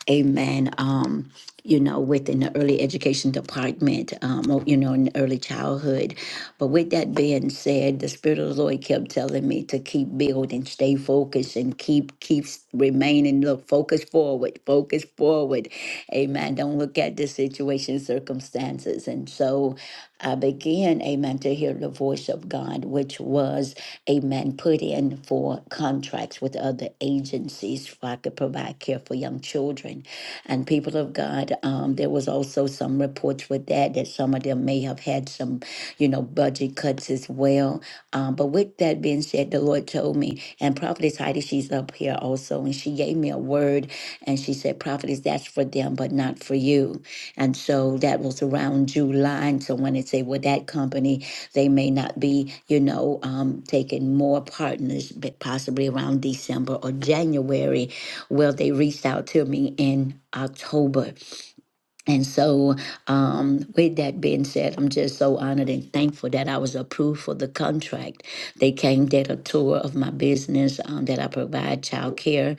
amen um you know within the early education department um or, you know in early childhood but with that being said the spirit of the lord kept telling me to keep building stay focused and keep keep remaining look focus forward focus forward amen don't look at the situation circumstances and so i began amen to hear the voice of god which was amen, put in for contracts with other agencies so I could provide care for young children. And people of God, um, there was also some reports with that that some of them may have had some, you know, budget cuts as well. Um, but with that being said, the Lord told me, and Prophetess Heidi, she's up here also, and she gave me a word and she said, Prophetess, that's for them, but not for you. And so that was around July. And so when they say, Well, that company they may not be, you know, um, taking more partners, but possibly around December or January. Well, they reached out to me in October and so, um, with that being said, I'm just so honored and thankful that I was approved for the contract. They came, did a tour of my business um, that I provide child care.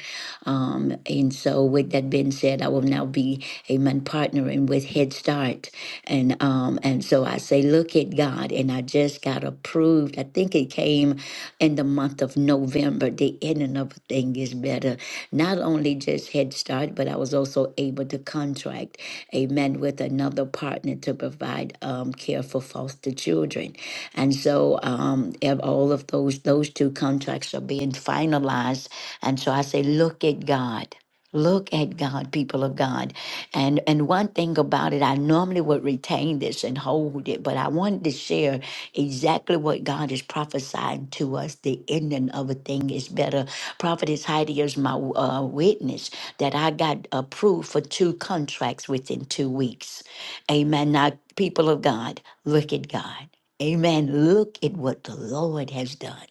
Um, and so, with that being said, I will now be a man partnering with Head Start. And um, and so I say, look at God. And I just got approved. I think it came in the month of November. The ending of a thing is better. Not only just Head Start, but I was also able to contract amen, with another partner to provide um, care for foster children. And so um, ev- all of those, those two contracts are being finalized. And so I say, look at God. Look at God, people of God. And and one thing about it, I normally would retain this and hold it, but I wanted to share exactly what God is prophesying to us. The ending of a thing is better. Prophetess Heidi is my uh, witness that I got approved for two contracts within two weeks. Amen. Now, people of God, look at God. Amen. Look at what the Lord has done.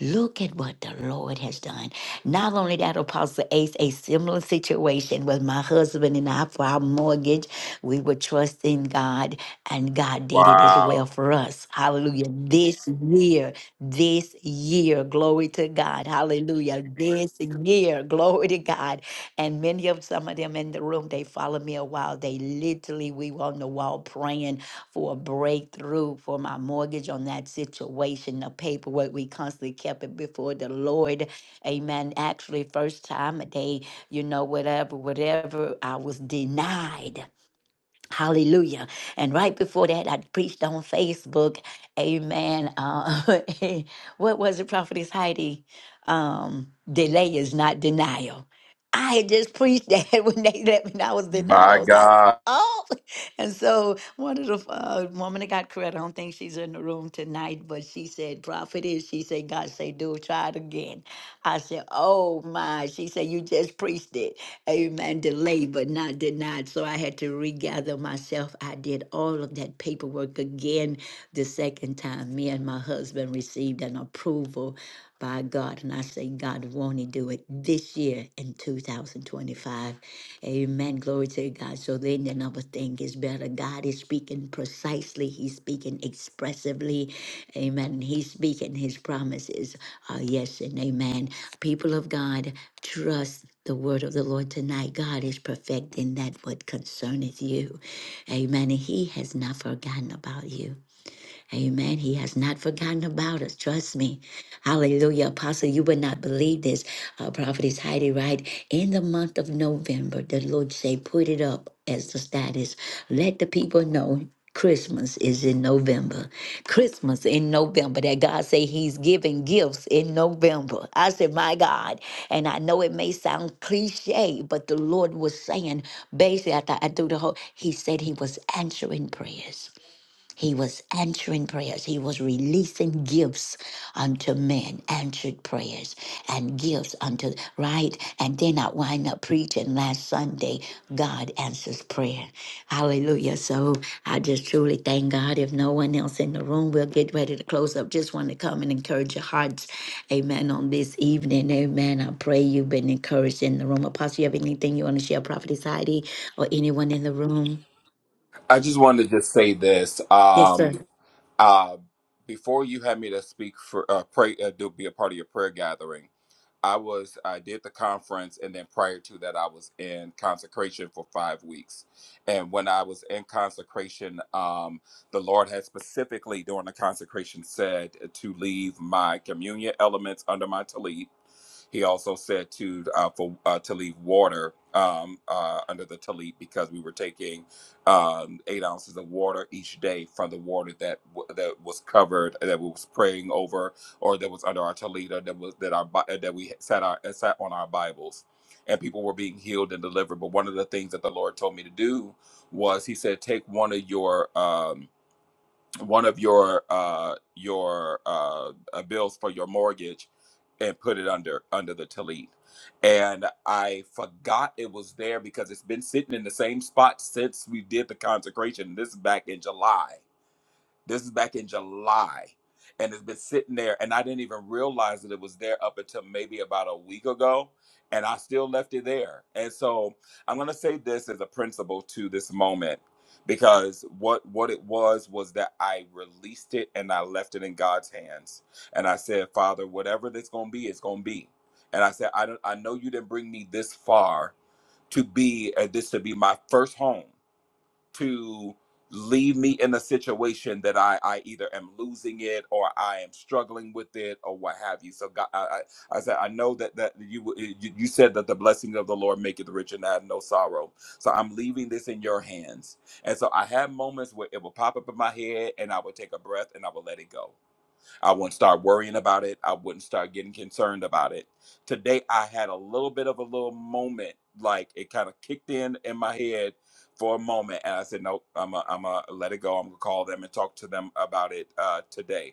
Look at what the Lord has done. Not only that, Apostle Ace, a similar situation with my husband and I for our mortgage. We were trusting God, and God did it as well
Wow.
for us. Hallelujah. This year, this year, glory to God. Hallelujah. This year, glory to God. And many of some of them in the room, they followed me a while. They literally, we were on the wall praying for a breakthrough for my mortgage on that situation, the paperwork. We constantly kept it before the Lord. Amen. Actually, first time they, you know, whatever, whatever, I was denied. Hallelujah. And right before that, I preached on Facebook. Amen. Uh, what was it, Prophetess Heidi? Um, delay is not denial. I had just preached that when they let me know I was denied. I
My
was like,
God.
oh. And so one of the uh, woman that got credit, I don't think she's in the room tonight, but she said, Prophetess, she said, God say, do it, try it again. I said, oh my. She said, you just preached it amen, delayed but not denied. So I had to regather myself. I did all of that paperwork again the second time. Me and my husband received an approval by God. And I say, God, won't He do it this year in 2025? Amen. Glory to God. So then the number thing is better. God is speaking precisely, He's speaking expressively. Amen. He's speaking His promises. Uh, yes and amen. People of God, Trust the word of the Lord tonight. God is perfecting that what concerneth you. Amen. And He has not forgotten about you. Amen. He has not forgotten about us. Trust me. Hallelujah. Apostle, you would not believe this. Uh, Prophetess Heidi, right? In the month of November, the Lord say, put it up as the status. Let the people know Christmas is in November. Christmas in November. That God say He's giving gifts in November. I said, My God. And I know it may sound cliche, but the Lord was saying, basically, I, thought I threw the whole, He said He was answering prayers. He was answering prayers. He was releasing gifts unto men, answered prayers and gifts unto, right? And then I wind up preaching last Sunday, God answers prayer. Hallelujah. So I just truly thank God. If no one else in the room, we'll get ready to close up. Just want to come and encourage your hearts. Amen. On this evening, amen. I pray you've been encouraged in the room. Apostle, you have anything you want to share, Prophet Heidi, or anyone in the room?
I just wanted to just say this.
Yes, sir.
Um uh before you had me to speak for uh pray uh, do be a part of your prayer gathering. I was I did the conference and then prior to that I was in consecration for 5 weeks. And when I was in consecration um the Lord had specifically during the consecration said to leave my communion elements under my tallit he also said to uh, for uh, to leave water um, uh, under the tallit because we were taking um, eight ounces of water each day from the water that w- that was covered uh, that we was praying over or that was under our tallit or that was that our Bi- uh, that we sat our uh, sat on our Bibles. And people were being healed and delivered. But one of the things that the Lord told me to do was He said, "Take one of your um, one of your uh your uh uh, bills for your mortgage and put it under under the tallit and i forgot it was there because it's been sitting in the same spot since we did the consecration this is back in july this is back in July. And it's been sitting there, and I didn't even realize that it was there up until maybe about a week ago. And I still left it there. And so I'm gonna say this as a principle to this moment because what what it was was that I released it and I left it in God's hands. And I said, Father, whatever that's gonna be, it's gonna be. And I said, I don't I know you didn't bring me this far to be uh, this to be my first home to leave me in a situation that I, I either am losing it or I am struggling with it or what have you. So God, I, I, I said, I know that, that you, uh, you, you said that the blessing of the Lord maketh rich and add no sorrow. So I'm leaving this in your hands. And so I had moments where it would pop up in my head and I would take a breath and I would let it go. I wouldn't start worrying about it. I wouldn't start getting concerned about it. Today, I had a little bit of a little moment, like it kind of kicked in in my head for a moment, and I said, "Nope, I'm gonna let it go. I'm gonna call them and talk to them about it uh, today."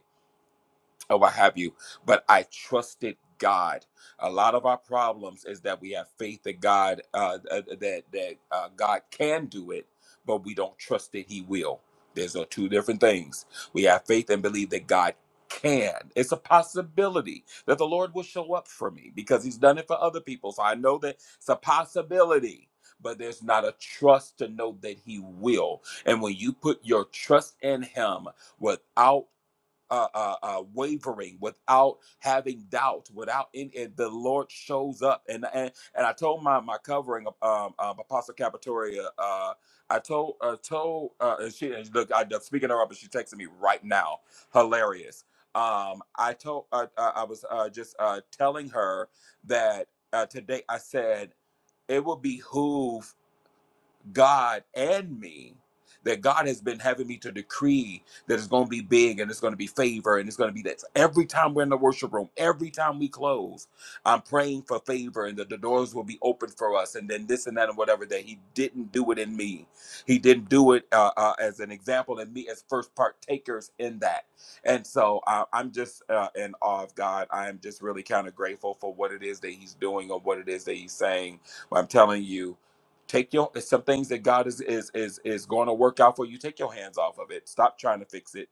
or what have you, but I trusted God. A lot of our problems is that we have faith that God uh, uh, that that uh, God can do it, but we don't trust that He will. There's uh, two different things. We have faith and believe that God can. It's a possibility that the Lord will show up for me because He's done it for other people. So I know that it's a possibility. But there's not a trust to know that he will. And when you put your trust in him without uh, uh, uh, wavering, without having doubt, without in it, the Lord shows up. And and, and I told my my covering um, um, um, Apostle Capitoria, uh, I told uh, told uh, and she and look, I, am speaking her up, and she texted me right now, hilarious. Um, I told uh, I I was uh, just uh, telling her that uh, today I said it will behoove God and me that God has been having me to decree that it's going to be big and it's going to be favor and it's going to be that. Every time we're in the worship room, every time we close, I'm praying for favor and that the doors will be open for us and then this and that and whatever that he didn't do it in me. He didn't do it uh, uh, as an example in me as first partakers in that. And so uh, I'm just uh, in awe of God. I am just really kind of grateful for what it is that he's doing or what it is that he's saying. But I'm telling you, take your it's some things that god is is is is going to work out for you take your hands off of it stop trying to fix it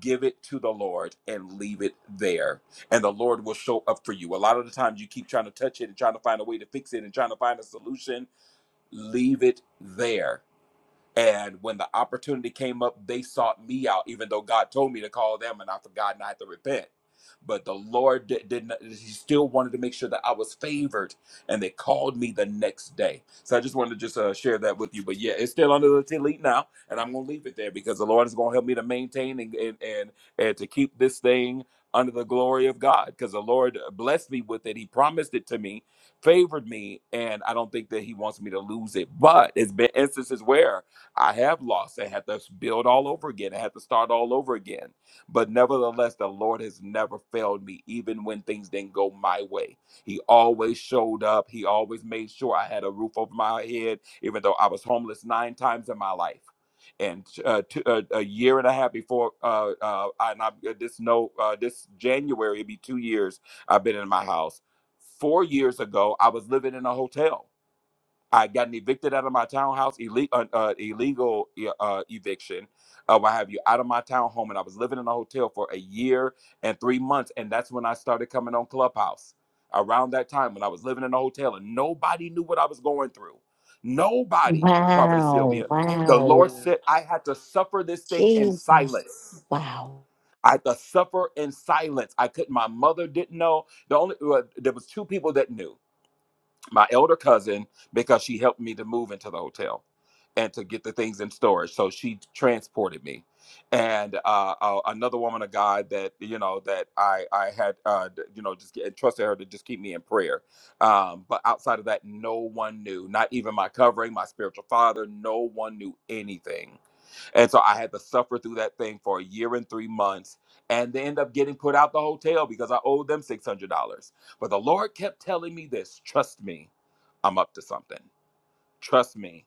give it to the lord and leave it there and the lord will show up for you a lot of the times you keep trying to touch it and trying to find a way to fix it and trying to find a solution leave it there and when the opportunity came up, they sought me out, even though God told me to call them and I forgot not to repent. But the Lord did, did not, He still wanted to make sure that I was favored and they called me the next day. So I just wanted to just uh, share that with you. But yeah, it's still under the elite now. And I'm going to leave it there because the Lord is going to help me to maintain and, and, and, and to keep this thing under the glory of God because the Lord blessed me with it. He promised it to me, favored me. And I don't think that He wants me to lose it. But it's been instances where I have lost. I had to build all over again. I had to start all over again. But nevertheless, the Lord has never failed me, even when things didn't go my way. He always showed up. He always made sure I had a roof over my head, even though I was homeless nine times in my life. And uh, two, uh, a year and a half before, uh, uh, I- and I, this no, uh, this January it'd be two years I've been in my house. Four years ago, I was living in a hotel I gotten evicted out of my townhouse, illegal, uh, uh, illegal e- uh, eviction. Uh, what have you? Out of my townhome, and I was living in a hotel for a year and three months, and that's when I started coming on Clubhouse. Around that time, when I was living in a hotel, and nobody knew what I was going through. Nobody, Prophetess
Wow,
Sylvia. The Lord
wow.
said I had to suffer this thing in
Jesus.
silence.
Wow.
I had to suffer in silence. I couldn't. My mother didn't know. The only well, there was two people that knew my elder cousin because she helped me to move into the hotel and to get the things in storage. So she transported me. And uh, uh, another woman, a guy that you know that I I had uh, you know just get, trusted her to just keep me in prayer. Um, but outside of that, no one knew. Not even my covering, my spiritual father. No one knew anything and so I had to suffer through that thing for a year and three months. And they end up getting put out the hotel because I owed them $600. But the Lord kept telling me this trust me, I'm up to something. Trust me,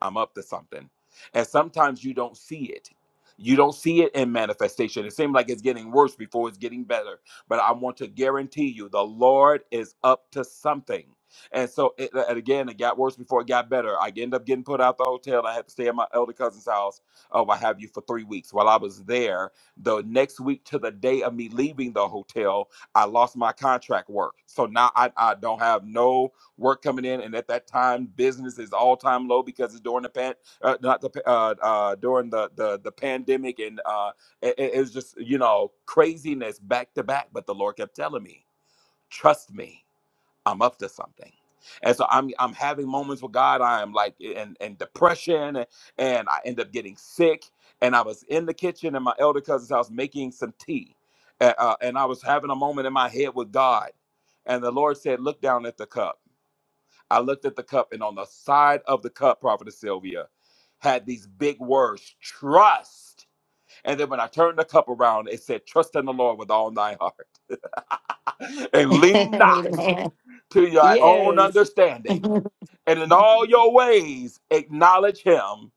I'm up to something. And sometimes you don't see it. You don't see it in manifestation. It seems like it's getting worse before it's getting better. But I want to guarantee you, the Lord is up to something. And so, it, and again, it got worse before it got better. I ended up getting put out the hotel. I had to stay at my elder cousin's house. Oh, I have you for three weeks. While I was there, the next week to the day of me leaving the hotel, I lost my contract work. So now I, I don't have no work coming in, and at that time, business is all time low because it's during the pan, uh, not the uh, uh, during the the the pandemic, and uh, it, it was just you know craziness back to back. But the Lord kept telling me, trust me, I'm up to something. And so I'm I'm having moments with God. I am like in, in depression, and I end up getting sick. And I was in the kitchen in my elder cousin's house making some tea, uh, uh, and I was having a moment in my head with God. And the Lord said, "Look down at the cup." I looked at the cup, and on the side of the cup, Prophetess Sylvia had these big words trust. And then when I turned the cup around, it said, Trust in the Lord with all thy heart and lean not
Amen.
to your own
Yes.
understanding. And in all your ways, acknowledge him,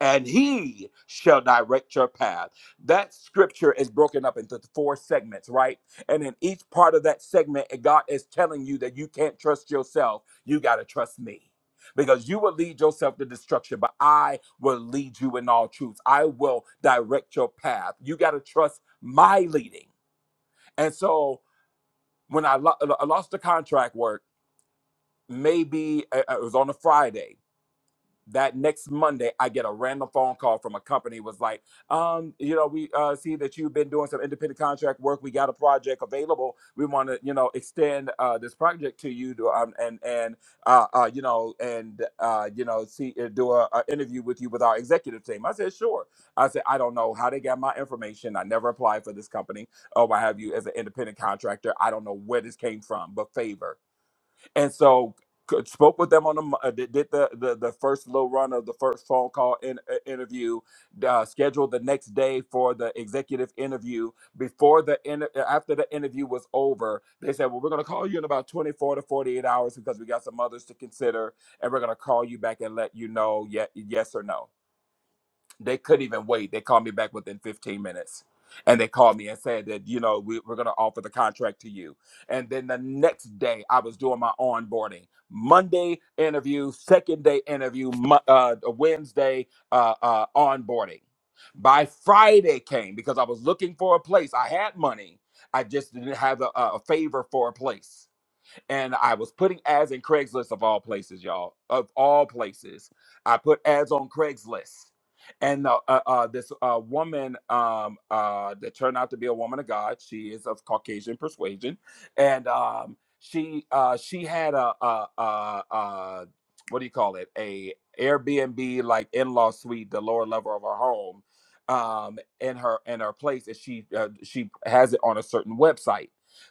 and he shall direct your path. That scripture is broken up into four segments, right? And in each part of that segment, eh, God is telling you that you can't trust yourself, you got to trust me. Because you will lead yourself to destruction, but I will lead you in all truth. I will direct your path. You got to trust my leading. And so when I, lo- I lost the contract work, maybe uh, it was on a Friday that next Monday, I get a random phone call from a company was like, um, you know, we uh, see that you've been doing some independent contract work. We got a project available. We want to, you know, extend uh, this project to you, to, um, and and uh, uh, you know, and uh, you know, see, uh, do a, a interview with you with our executive team. I said, sure. I said, I don't know how they got my information. I never applied for this company. Oh, I have you as an independent contractor. I don't know where this came from, but favor and so c- spoke with them on the mo- uh, did did the, the the first little run of the first phone call in, uh, interview uh, scheduled the next day for the executive interview before the inter- uh, after the interview was over they said well we're going to call you in about 24 to 48 hours because we got some others to consider and we're going to call you back and let you know yet yes or no they couldn't even wait. They called me back within 15 minutes. And they called me and said that, you know, we, we're going to offer the contract to you. And then the next day, I was doing my onboarding. Monday interview, second day interview, Mo- uh, Wednesday uh, uh, onboarding. By Friday came because I was looking for a place. I had money, I just didn't have a, a a favor for a place and I was putting ads in Craigslist of all places, y'all, of all places. I put ads on Craigslist, and the, uh, uh, this uh, woman um, uh, that turned out to be a woman of God. She is of Caucasian persuasion, and um, she uh, she had a, a, a, a what do you call it? A Airbnb like in law suite, the lower level of her home, um, in her in her place, and she uh, she has it on a certain website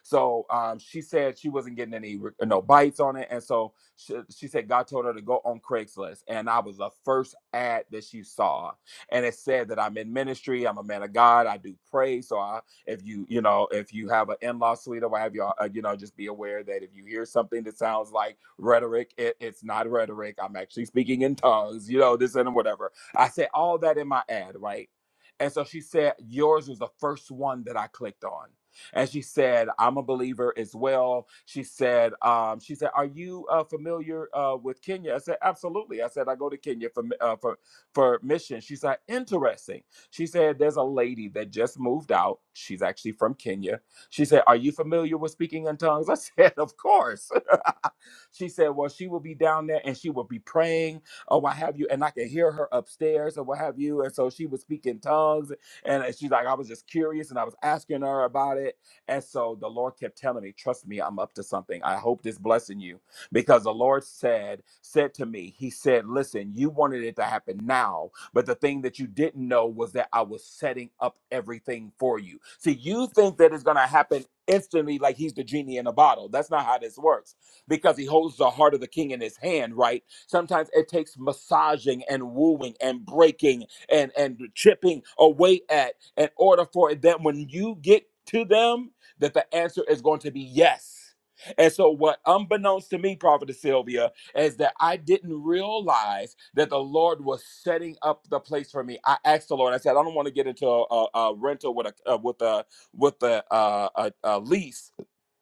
so um, she said she wasn't getting any no bites on it, and so she, she said God told her to go on Craigslist, and I was the first ad that she saw, and it said that I'm in ministry, I'm a man of God, I do pray, so I if you you know if you have an in-law suite or what have you uh, you know just be aware that if you hear something that sounds like rhetoric it, it's not rhetoric i'm actually speaking in tongues you know this and whatever i said all that in my ad right and so she said yours was the first one that i clicked on and she said, "I'm a believer as well." She said, um, "She said, are you uh, familiar uh, with Kenya?" I said, "Absolutely." I said, "I go to Kenya for uh, for for mission." She said, "Interesting." She said, "There's a lady that just moved out. She's actually from Kenya." She said, "Are you familiar with speaking in tongues?" I said, "Of course." she said, "Well, she will be down there and she will be praying or what have you, and I can hear her upstairs or what have you." And so she was speaking tongues, and uh, she's like, "I was just curious, and I was asking her about it." And so the Lord kept telling me, Trust me, I'm up to something. I hope this blessing you. Because the Lord said, said to me, He said, Listen, you wanted it to happen now, but the thing that you didn't know was that I was setting up everything for you. See, you think that it's gonna happen instantly like he's the genie in a bottle. That's not how this works. Because he holds the heart of the king in his hand, right? Sometimes it takes massaging and wooing and breaking and and chipping away at in order for them when you get to them that the answer is going to be yes. And so, what unbeknownst to me, Prophetess Sylvia, is that I didn't realize that the Lord was setting up the place for me. I asked the Lord. I said, I don't want to get into a, a, a rental with a uh, with a with a, uh, a, a lease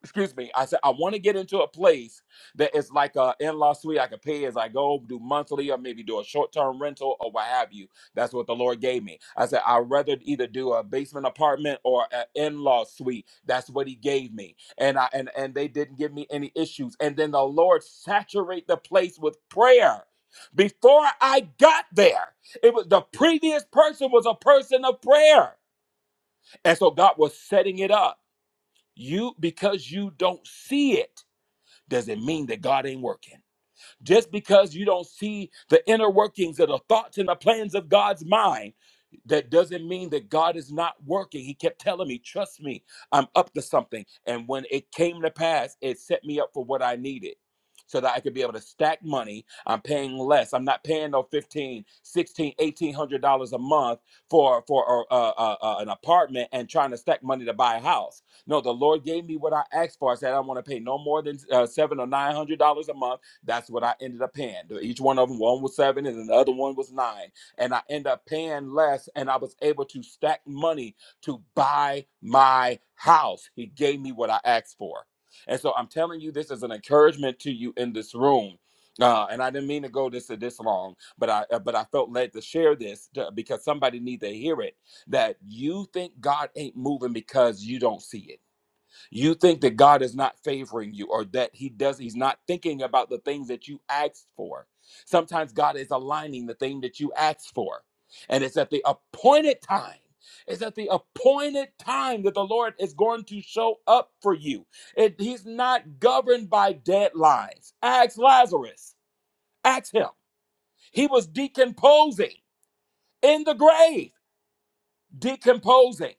excuse me, I said I want to get into a place that is like a in-law suite I could pay as I go, do monthly or maybe do a short-term rental or what have you. That's what the Lord gave me. I said I'd rather either do a basement apartment or an in-law suite. That's what he gave me. And I and and they didn't give me any issues. And then the Lord saturate the place with prayer. Before I got there, it was the previous person was a person of prayer. And so God was setting it up. You because you don't see it doesn't mean that God ain't working. Just because you don't see the inner workings of the thoughts and the plans of God's mind, that doesn't mean that God is not working. He kept telling me, trust me, I'm up to something. And when it came to pass, it set me up for what I needed so that I could be able to stack money. I'm paying less. I'm not paying no 15, 16, 1800 dollars a month for for uh, uh, uh, uh, an apartment and trying to stack money to buy a house. No, the Lord gave me what I asked for. I said I don't want to pay no more than uh, seven or nine hundred dollars a month that's what I ended up paying. Each one of them, one was seven and another one was nine. And I ended up paying less and I was able to stack money to buy my house. He gave me what I asked for. And so I'm telling you, this is an encouragement to you in this room. Uh, and I didn't mean to go this this long, but I uh, but I felt led to share this to- because somebody needs to hear it. That you think God ain't moving because you don't see it you think that God is not favoring you or that he does he's not thinking about the things that you asked for. Sometimes God is aligning the thing that you asked for. And it's at the appointed time. It's at the appointed time that the Lord is going to show up for you. It, he's not governed by deadlines. Ask Lazarus. Ask him. He was decomposing in the grave decomposing.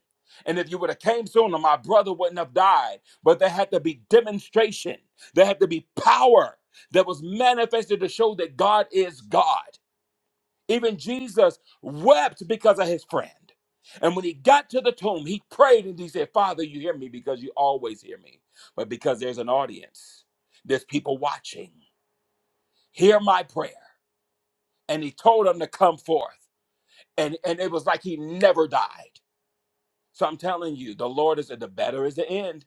And if you would have came sooner, my brother wouldn't have died. But there had to be demonstration. There had to be power that was manifested to show that God is God. Even Jesus wept because of his friend. And when he got to the tomb, he prayed and he said, Father, you hear me because you always hear me. But because there's an audience, there's people watching. Hear my prayer. And he told them to come forth. And, and it was like he never died. So I'm telling you, the Lord is at the better is the end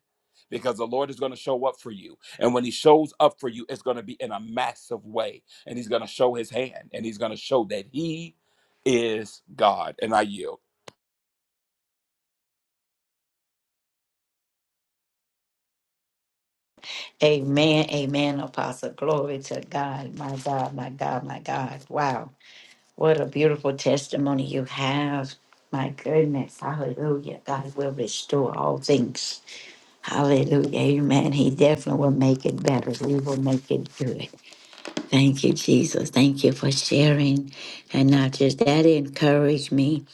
because the Lord is going to show up for you. And when he shows up for you, it's going to be in a massive way. And he's going to show his hand and he's going to show that he is God. And I yield.
amen. Amen, Apostle. Glory to God. My God, my God, my God. Wow. What a beautiful testimony you have. My goodness. Hallelujah. God will restore all things. Hallelujah. Amen. He definitely will make it better. He will make it good. Thank you, Jesus. Thank you for sharing. And not just that, it encouraged me.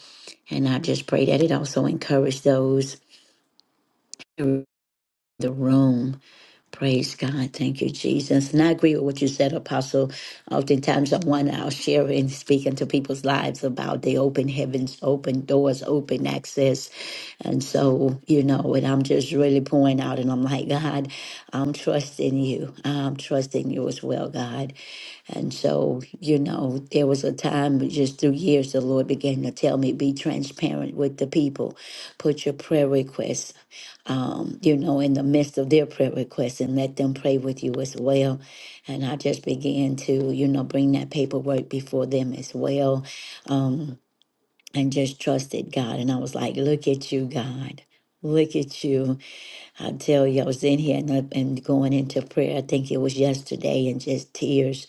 And I just pray that it also encouraged those in the room. Praise God. Thank you, Jesus. And I agree with what you said, Apostle. Oftentimes, I'm one I'll share and speak into people's lives about the open heavens, open doors, open access. And so, you know, and I'm just really pouring out and I'm like, God, I'm trusting you. I'm trusting you as well, God. And so, you know, there was a time but just through years the Lord began to tell me, be transparent with the people. Put your prayer requests, um, you know, in the midst of their prayer requests and let them pray with you as well. And I just began to, you know, bring that paperwork before them as well. Um, and just trusted God. And I was like, look at you, God. Look at you. I tell you, I was in here and, I- and going into prayer. I think it was yesterday, and just tears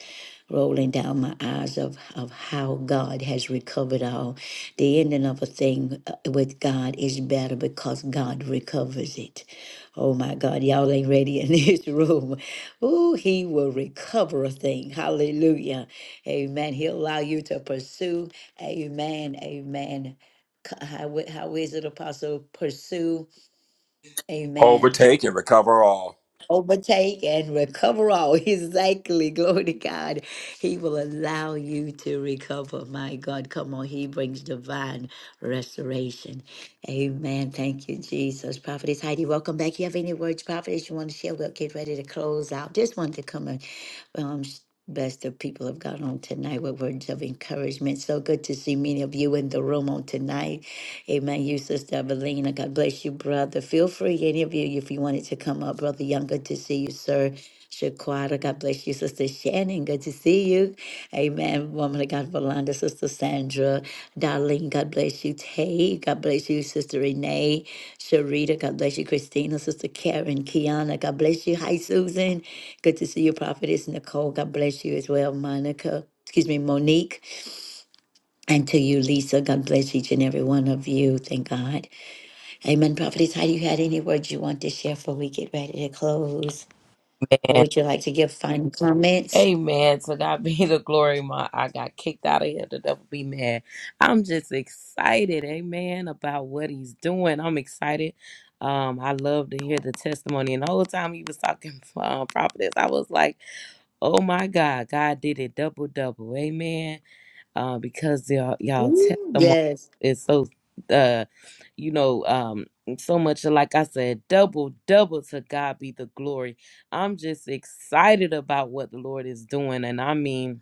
rolling down my eyes of, of how God has recovered all. The ending of a thing uh, with God is better because God recovers it. Oh my God, y'all ain't ready in this room. Oh, He will recover a thing. Hallelujah. Amen. He'll allow you to pursue. Amen. Amen. C- How, how is it, Apostle? Pursue. Amen
Overtake and recover all.
overtake and recover all. Exactly. Glory to God. He will allow you to recover. My God, come on. He brings divine restoration. Amen. Thank you, Jesus. Prophetess Heidi, welcome back. You have any words, Prophetess, you want to share? We'll get ready to close out. Just wanted to come in um, s- best that people have got on tonight with words of encouragement. So good to see many of you in the room on tonight. Amen. You, Sister Evelina. God bless you, brother. Feel free, any of you, if you wanted to come up. Brother Young, good to see you, sir. Shaquata, God bless you, Sister Shannon. Good to see you. Amen. Woman of God, Valanda, Sister Sandra, Darlene, God bless you. Tay, God bless you, Sister Renee, Sharita, God bless you, Christina, Sister Karen, Kiana, God bless you. Hi, Susan. Good to see you, Prophetess Nicole. God bless you as well, Monica. Excuse me, Monique. And to you, Lisa. God bless each and every one of you. Thank God. Amen. Prophetess, how you had any words you want to share before we get ready to close? Or would you like to give final comments?
Amen. To God be the glory. My I got kicked out of here. The devil be mad. I'm just excited, amen, about what he's doing. I'm excited. Um, I love to hear the testimony. And the whole time he was talking um, prophetess, I was like, oh my God, God did it double double. Amen uh, because y'all y'all
Ooh,
testimony
yes.
is so uh you know um so much like I said double double to God be the glory. I'm just excited about what the Lord is doing and I mean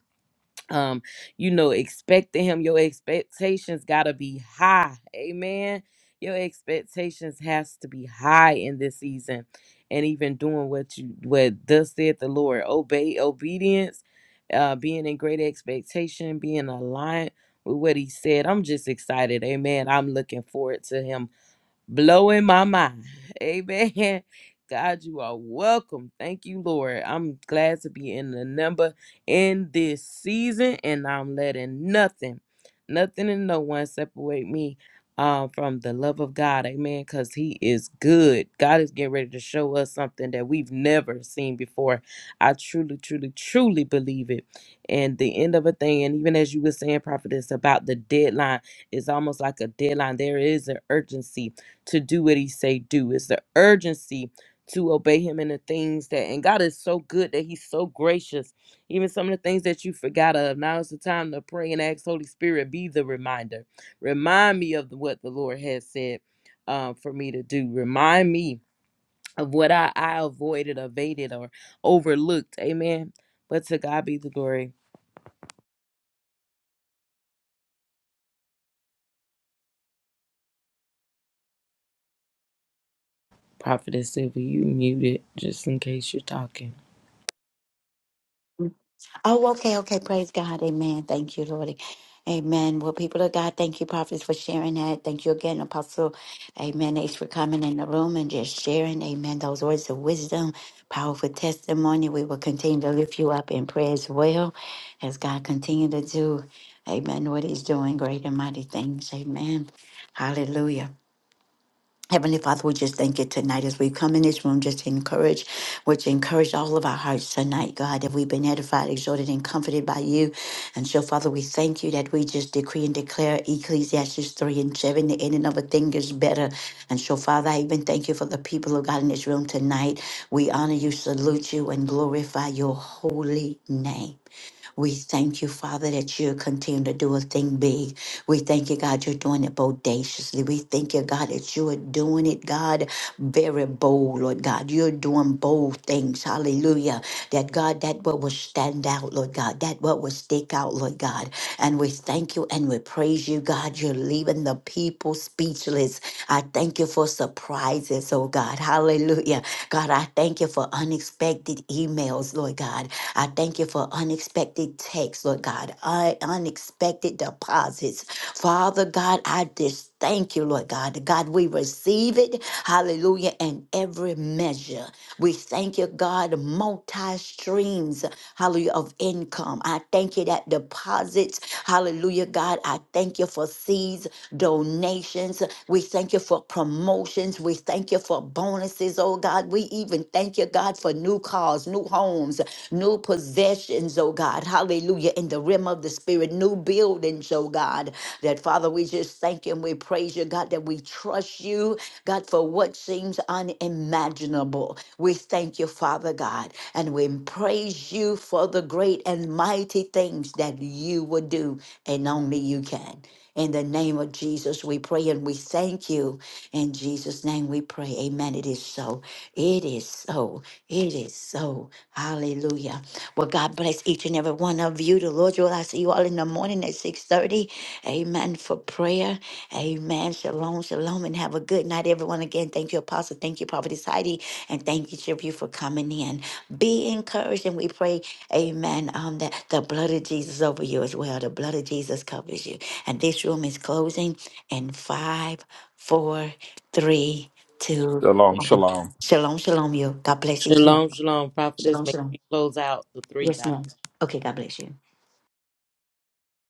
um you know expecting him your expectations got to be high amen your expectations has to be high in this season and even doing what you what thus said the lord obey obedience uh being in great expectation being aligned with what he said i'm just excited amen i'm looking forward to him blowing my mind. Amen. God, you are welcome. Thank you, Lord. I'm glad to be in the number in this season, and I'm letting nothing, nothing and no one separate me um, from the love of God. Amen. Because He is good. God is getting ready to show us something that we've never seen before. I truly, truly, truly believe it. And the end of a thing, and even as you were saying, prophetess, about the deadline, it's almost like a deadline. There is an urgency to do what he say do. It's the urgency to obey him in the things that and God is so good that he's so gracious. Even some of the things that you forgot of. Now is the time to pray and ask Holy Spirit be the reminder. Remind me of what the Lord has said uh, for me to do. Remind me of what I, I avoided, evaded, or overlooked. Amen. But to God be the glory. Prophetess Sylvia, you muted just in case you're talking.
Oh, okay, okay. Praise God. Amen. Thank you, Lord. Amen. Well, people of God, thank you, prophets, for sharing that. Thank you again, Apostle. Amen. Thanks for coming in the room and just sharing. Amen. Those words of wisdom, powerful testimony. We will continue to lift you up in prayer as well as God continue to do. Amen. What he's doing, great and mighty things. Amen. Hallelujah. Heavenly Father, we just thank you tonight as we come in this room just to encourage, which encourage all of our hearts tonight, God, that we've been edified, exhorted, and comforted by you. And so, Father, we thank you that we just decree and declare Ecclesiastes 3 and 7, the ending of a thing is better. And so, Father, I even thank you for the people of God in this room tonight. We honor you, salute you, and glorify your holy name. We thank you, Father, that you continue to do a thing big. We thank you, God, you're doing it bodaciously. We thank you, God, that you are doing it, God, very bold, Lord God. You're doing bold things. Hallelujah. That God, that what will stand out, Lord God, that what will stick out, Lord God. And we thank you and we praise you, God. You're leaving the people speechless. I thank you for surprises, oh God. Hallelujah. God, I thank you for unexpected emails, Lord God. I thank you for unexpected texts, Lord God, un- unexpected deposits. Father God, I just thank you, Lord God. God, we receive it. Hallelujah. And every measure. We thank you, God, multi streams, hallelujah, of income. I thank you that deposits, hallelujah, God. I thank you for seeds, donations. We thank you for promotions. We thank you for bonuses, oh God. We even thank you, God, for new cars, new homes new possessions, oh God. Hallelujah. In the realm of the spirit, new buildings, oh God. That Father, we just thank you and we praise you, God, that we trust you, God, for what seems unimaginable. We thank you, Father God, and we praise you for the great and mighty things that you will do and only you can. In the name of Jesus, we pray and we thank you. In Jesus' name we pray. Amen. It is so. It is so. It is so. Hallelujah. Well, God bless each and every one of you. The Lord will I see you all in the morning at 6.30. Amen for prayer. Amen. Shalom, shalom, and have a good night, everyone. Again, thank you, Apostle. Thank you, Prophetess Heidi. And thank each of you for coming in. Be encouraged, and we pray, amen, um, that the blood of Jesus over you as well. The blood of Jesus covers you. And this room is closing in five, four, three, two,
Shalom,
one.
shalom.
Shalom, shalom, you. God bless each and every
Shalom, shalom, prophetess.
Shalom,
Make sure
shalom.
you close out the three
Yes,
dots.
ma'am. Okay, God bless you.